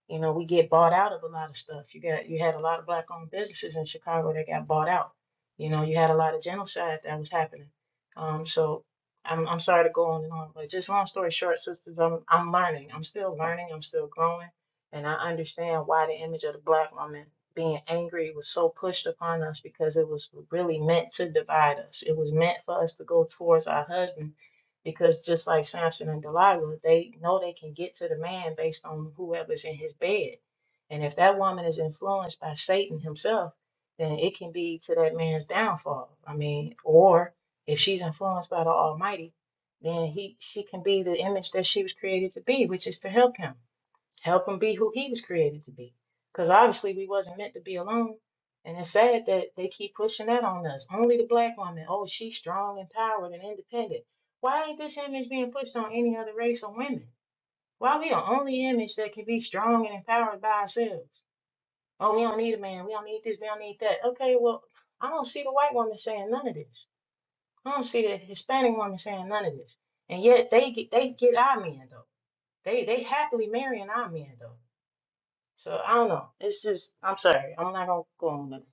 You know, we get bought out of a lot of stuff. You got you had a lot of black owned businesses in Chicago that got bought out. You know, you had a lot of genocide that was happening. Um, so I'm I'm sorry to go on and on, but just long story short, sisters, I'm I'm learning. I'm still learning, I'm still growing, and I understand why the image of the black woman being angry was so pushed upon us because it was really meant to divide us. It was meant for us to go towards our husband because just like Samson and Delilah, they know they can get to the man based on whoever's in his bed. And if that woman is influenced by Satan himself, then it can be to that man's downfall. I mean, or if she's influenced by the Almighty, then he she can be the image that she was created to be, which is to help him help him be who he was created to be. Because obviously we wasn't meant to be alone. And it's sad that they keep pushing that on us. Only the black woman. Oh, she's strong, empowered, and independent. Why ain't this image being pushed on any other race or women? Why we the only image that can be strong and empowered by ourselves? Oh, we don't need a man. We don't need this. We don't need that. Okay, well, I don't see the white woman saying none of this. I don't see the Hispanic woman saying none of this. And yet they get they get our men though. They they happily marrying our men though. So I don't know. It's just I'm sorry. I'm not gonna go on it.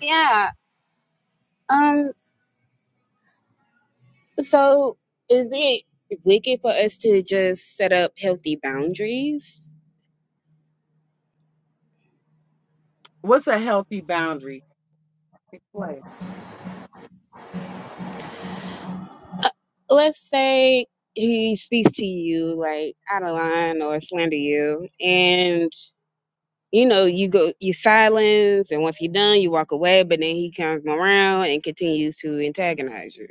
Yeah. Um. So, is it wicked for us to just set up healthy boundaries? Let's say he speaks to you like out of line or slander you, and you know you go you silence, and once he done, you walk away. But then he comes around and continues to antagonize you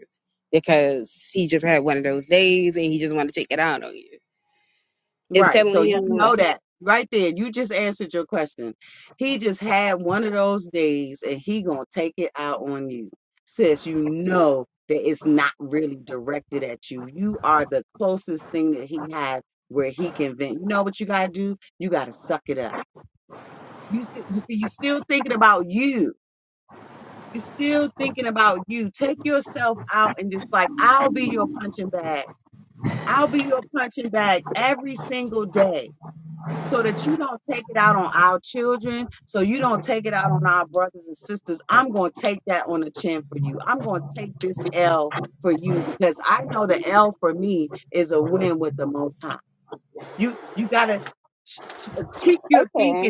because he just had one of those days and he just want to take it out on you. It's telling him, okay,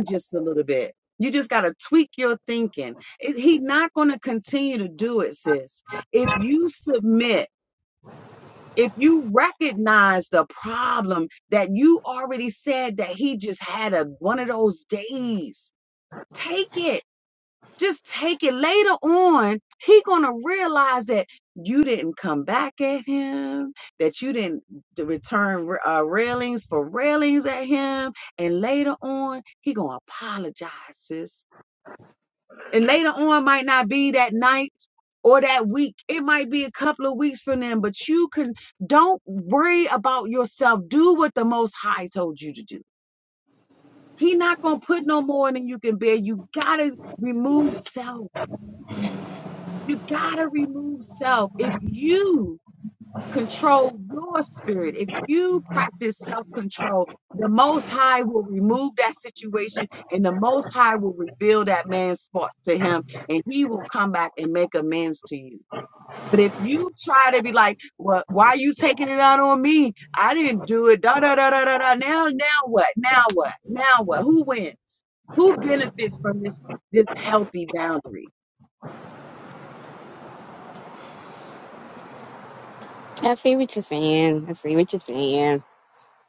I see what you're saying. I see what you're saying.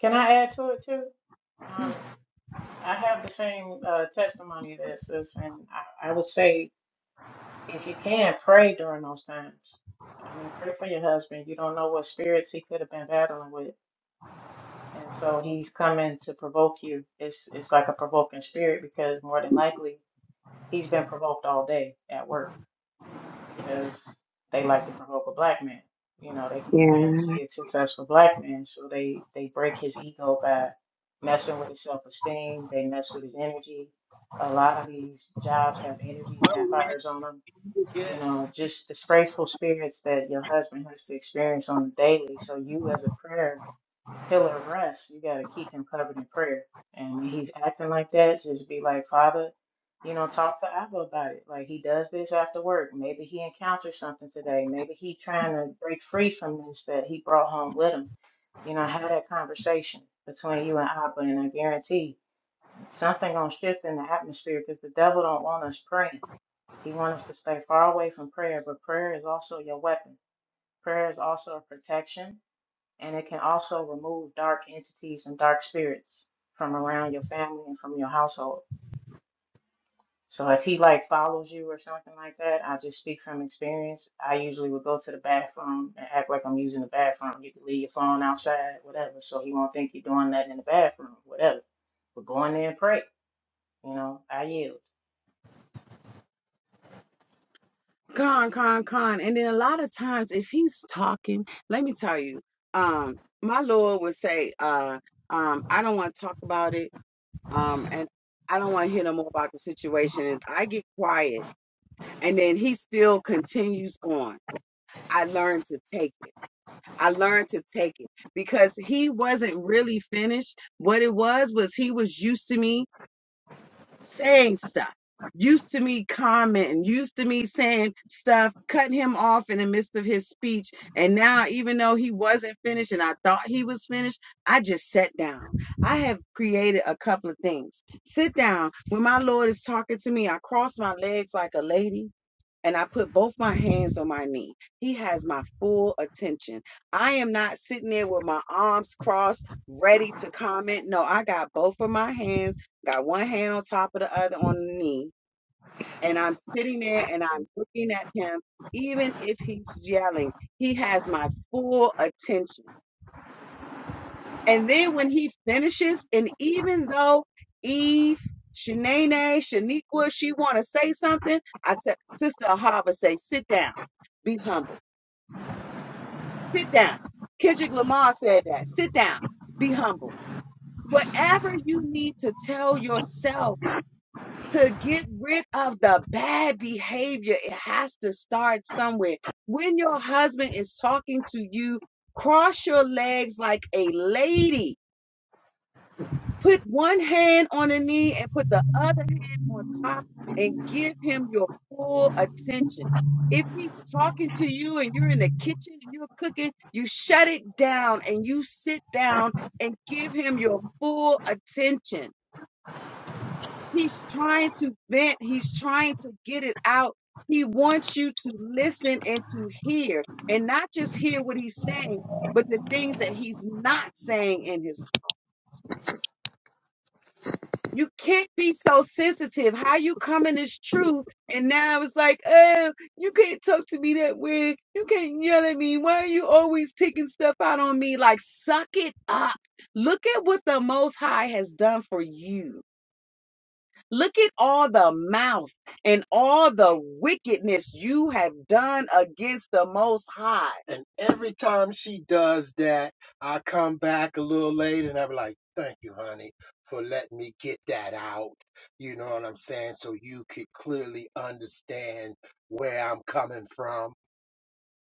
Can I add to it too? Um, I have the same uh, testimony that sis, and I, I would say if you can pray during those times. I mean, pray for your husband. You don't know what spirits he could have been battling with, and so he's coming to provoke you. It's it's like a provoking spirit because more than likely he's been provoked all day at work. because they like to provoke a black man. You know, they can't
Yeah.
stand to see a successful black man, so they they break his ego by messing with his self esteem. They mess with his energy. A lot of these jobs have energy vampires on them. You know, just disgraceful spirits that your husband has to experience on the daily. So you, as a prayer pillar of rest, you got to keep him covered in prayer. And when he's acting like that, just be like, Father, you know, talk to Abba about it. Like he does this after work. Maybe he encounters something today. Maybe he's trying to break free from this that he brought home with him. You know, have that conversation between you and Abba, and I guarantee something gonna shift in the atmosphere because the devil don't want us praying. He wants us to stay far away from prayer, but prayer is also your weapon. Prayer is also a protection and it can also remove dark entities and dark spirits from around your family and from your household. So if he like follows you or something like that, I just speak from experience. I usually would go to the bathroom and act like I'm using the bathroom. You can leave your phone outside, whatever, so he won't think you're doing that in the bathroom, whatever. But go in there and pray. You know, I yield.
And every time she does that, I come back a little later and I'm like, thank you, honey, for letting me get that out. You know what I'm saying? So you could clearly understand where I'm coming from.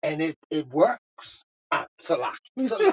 And it, it works. Ah, Salaki, Salaki.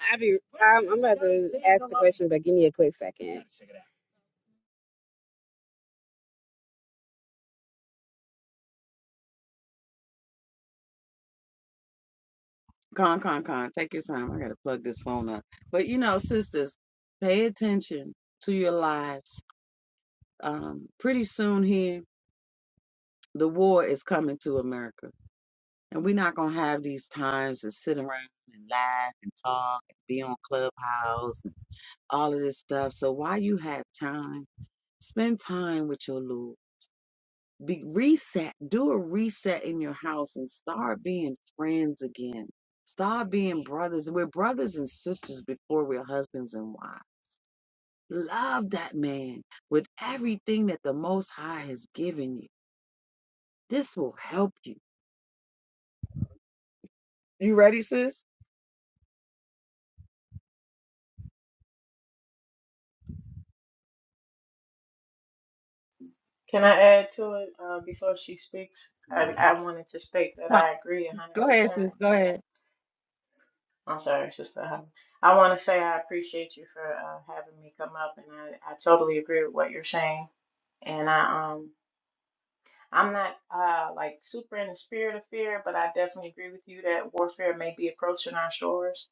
I be, I'm, I'm about to ask the question, but give me a quick second.
Can I add to it uh, before she speaks? I, I wanted to state that I agree 100%. I'm sorry, Sister. Hannah. I want to say I appreciate you for uh, having me come up, and I, I totally agree with what you're saying. And I um I'm not uh like super in the spirit of fear, but I definitely agree with you that warfare may be approaching our shores,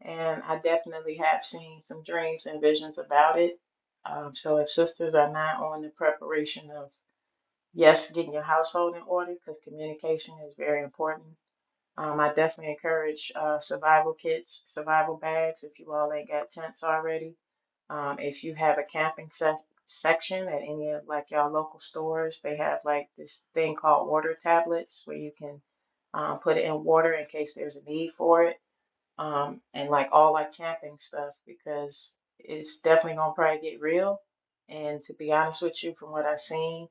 and I definitely have seen some dreams and visions about it. Um, so if sisters are not on the preparation of yes, getting your household in order, because communication is very important um, I definitely encourage uh, survival kits, survival bags, if you all ain't got tents already. Um, if you have a camping sec section at any of like y'all local stores, they have like this thing called water tablets where you can um, put it in water in case there's a need for it um, and like all like camping stuff because it's definitely gonna probably get real. And to be honest with you, from what I've seen,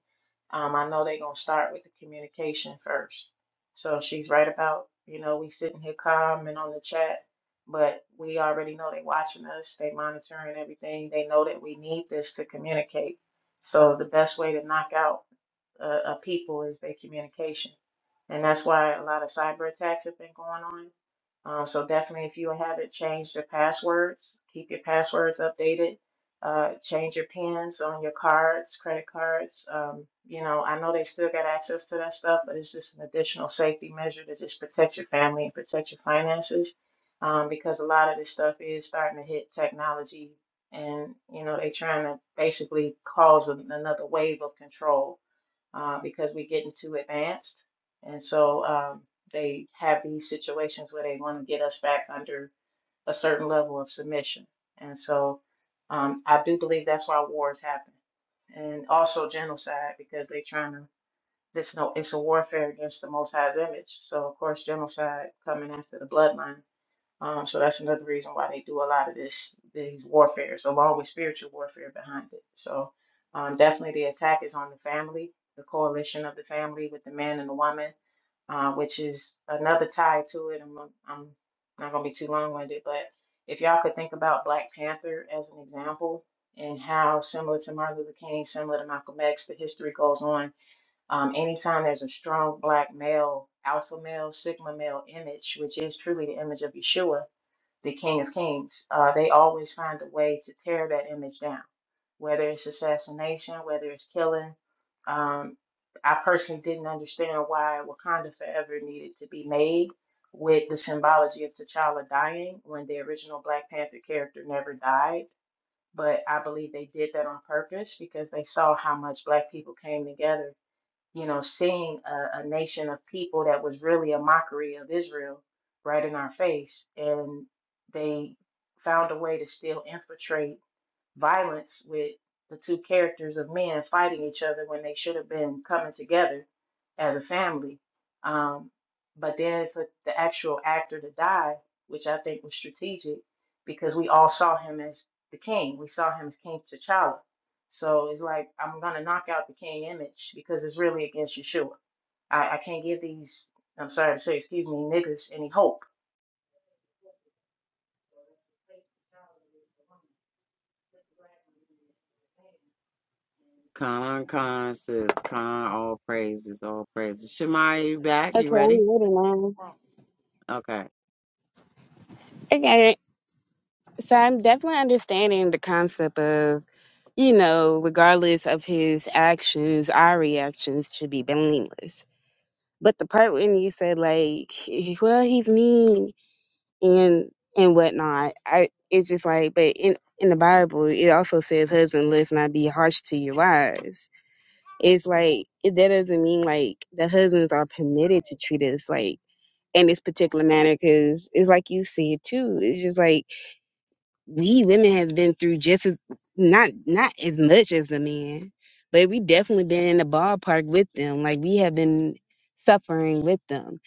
um, I know they're gonna start with the communication first. So she's right about, you know, we sitting here calm and on the chat, but we already know they watching us, they monitoring everything. They know that we need this to communicate. So the best way to knock out uh, uh, people is their communication. And that's why a lot of cyber attacks have been going on um, so definitely, if you haven't changed your passwords, keep your passwords updated. Uh, change your pins on your cards, credit cards. Um, you know, I know they still got access to that stuff, but it's just an additional safety measure to just protect your family and protect your finances, um, because a lot of this stuff is starting to hit technology, and you know, they trying to basically cause an- another wave of control uh, because we're getting too advanced. And so um, they have these situations where they want to get us back under a certain level of submission. And so um, I do believe that's why wars happen. And also genocide, because they're trying to, this no, it's a warfare against the Most High's image. So, of course, genocide coming after the bloodline. Um, so that's another reason why they do a lot of this these warfares, along with spiritual warfare behind it. So um, definitely the attack is on the family, the coalition of the family with the man and the woman, uh, which is another tie to it. I'm, I'm not gonna be too long winded, but if y'all could think about Black Panther as an example and how similar to Martin Luther King, similar to Malcolm X, the history goes on. Um, anytime there's a strong black male, alpha male, sigma male image, which is truly the image of Yeshua the King of Kings, uh, they always find a way to tear that image down, whether it's assassination, whether it's killing. Um, I personally didn't understand why Wakanda Forever needed to be made with the symbology of T'Challa dying when the original Black Panther character never died. But I believe they did that on purpose because they saw how much Black people came together you know, seeing a, a nation of people that was really a mockery of Israel right in our face. And they found a way to still infiltrate violence with the two characters of men fighting each other when they should have been coming together as a family. Um, but then for the actual actor to die, which I think was strategic because we all saw him as the king. We saw him as King T'Challa. So it's like, I'm going to knock out the king image because it's really against Yeshua. I, I can't give these, I'm sorry to say, excuse me, niggas any hope.
Okay, I'm ready now. Okay, so I'm definitely understanding the concept of, you know, regardless of his actions, our reactions should be blameless. But the part when you said like, well, he's mean and and whatnot, I it's just like, but in in the Bible, it also says, "Husband, let's not be harsh to your wives." It's like it, that doesn't mean like the husbands are permitted to treat us like in this particular manner because it's like you said too it's just like we women have been through just as not not as much as the men but we definitely been in the ballpark with them like we have been suffering with them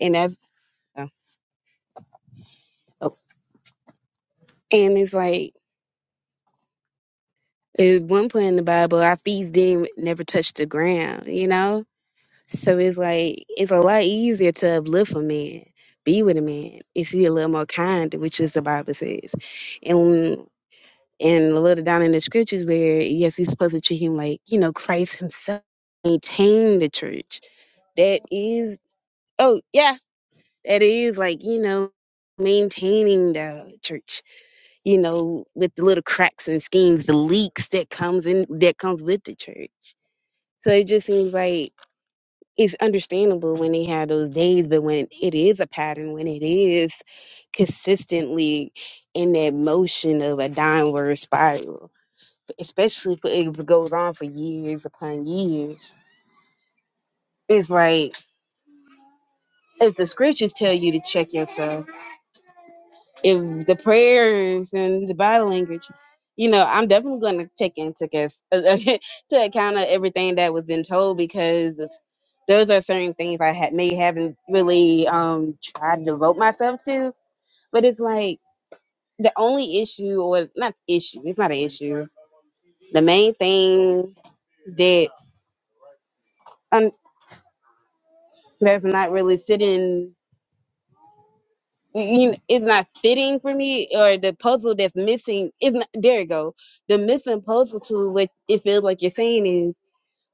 and that's oh, oh. and it's like at one point in the bible our feet didn't never touch the ground you know so it's like it's a lot easier to uplift a man be with a man and see a little more kind which is the bible says and and a little down in the scriptures where yes we're supposed to treat him like you know christ himself maintained the church that is oh yeah that is like you know maintaining the church you know with the little cracks and schemes the leaks that comes in that comes with the church so it just seems like it's understandable when they have those days but when it is a pattern when it is consistently in that motion of a downward spiral especially if it, if it goes on for years upon years. It's like if the scriptures tell you to check yourself, if the prayers and the body language, you know, I'm definitely going to take into cons- to account of everything that was been told because it's- those are certain things I had may haven't really um tried to devote myself to. But it's like the only issue, or not issue, it's not an issue. The main thing that um, that's not really sitting you know, it's not fitting for me or the puzzle that's missing is not there you go the missing puzzle to what it feels like you're saying is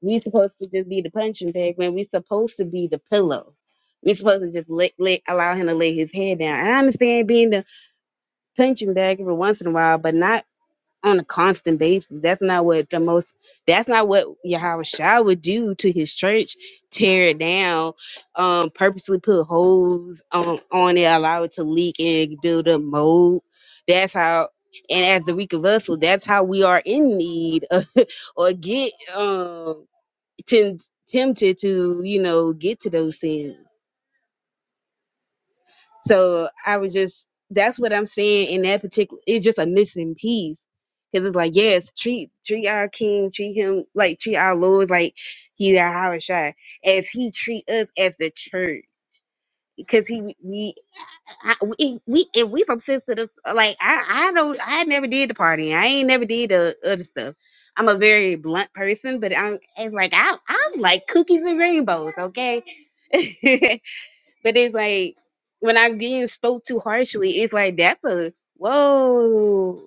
we supposed to just be the punching bag when we supposed to be the pillow we supposed to just let, let allow him to lay his head down and i understand being the punching bag every once in a while but not on a constant basis. That's not what the most that's not what Yahweh Shah would do to his church, tear it down, um, purposely put holes on on it, allow it to leak and build up mold. That's how and as the weak of us, so that's how we are in need of, or get um tem- tempted to, you know, get to those sins. So I was just that's what I'm saying in that particular it's just a missing piece. Cause it's like, yes, treat treat our king, treat him like treat our Lord like he's our highest shine. As he treat us as the church. Because he we I, we we if we some sensitive like I I don't I never did the party. I ain't never did the other stuff. I'm a very blunt person, but I'm it's like I I'm like cookies and rainbows, okay? But it's like when I'm getting spoke too harshly, it's like that's a whoa.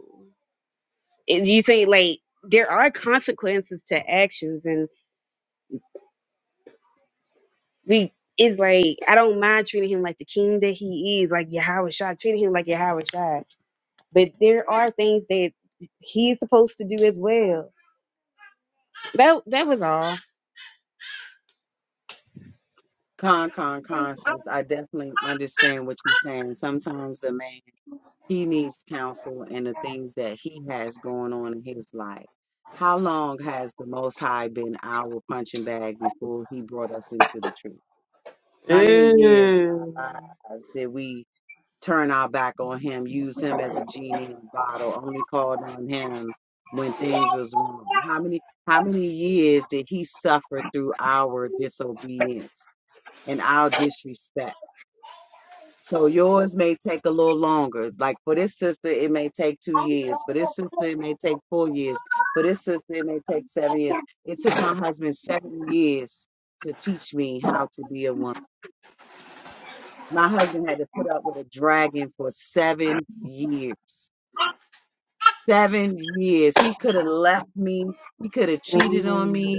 And you think like there are consequences to actions, and we it's like I don't mind treating him like the king that he is, like Yahweh Shah, treating him like Yahweh Shah. But there are things that he's supposed to do as well. That that was all. Mm. Mm.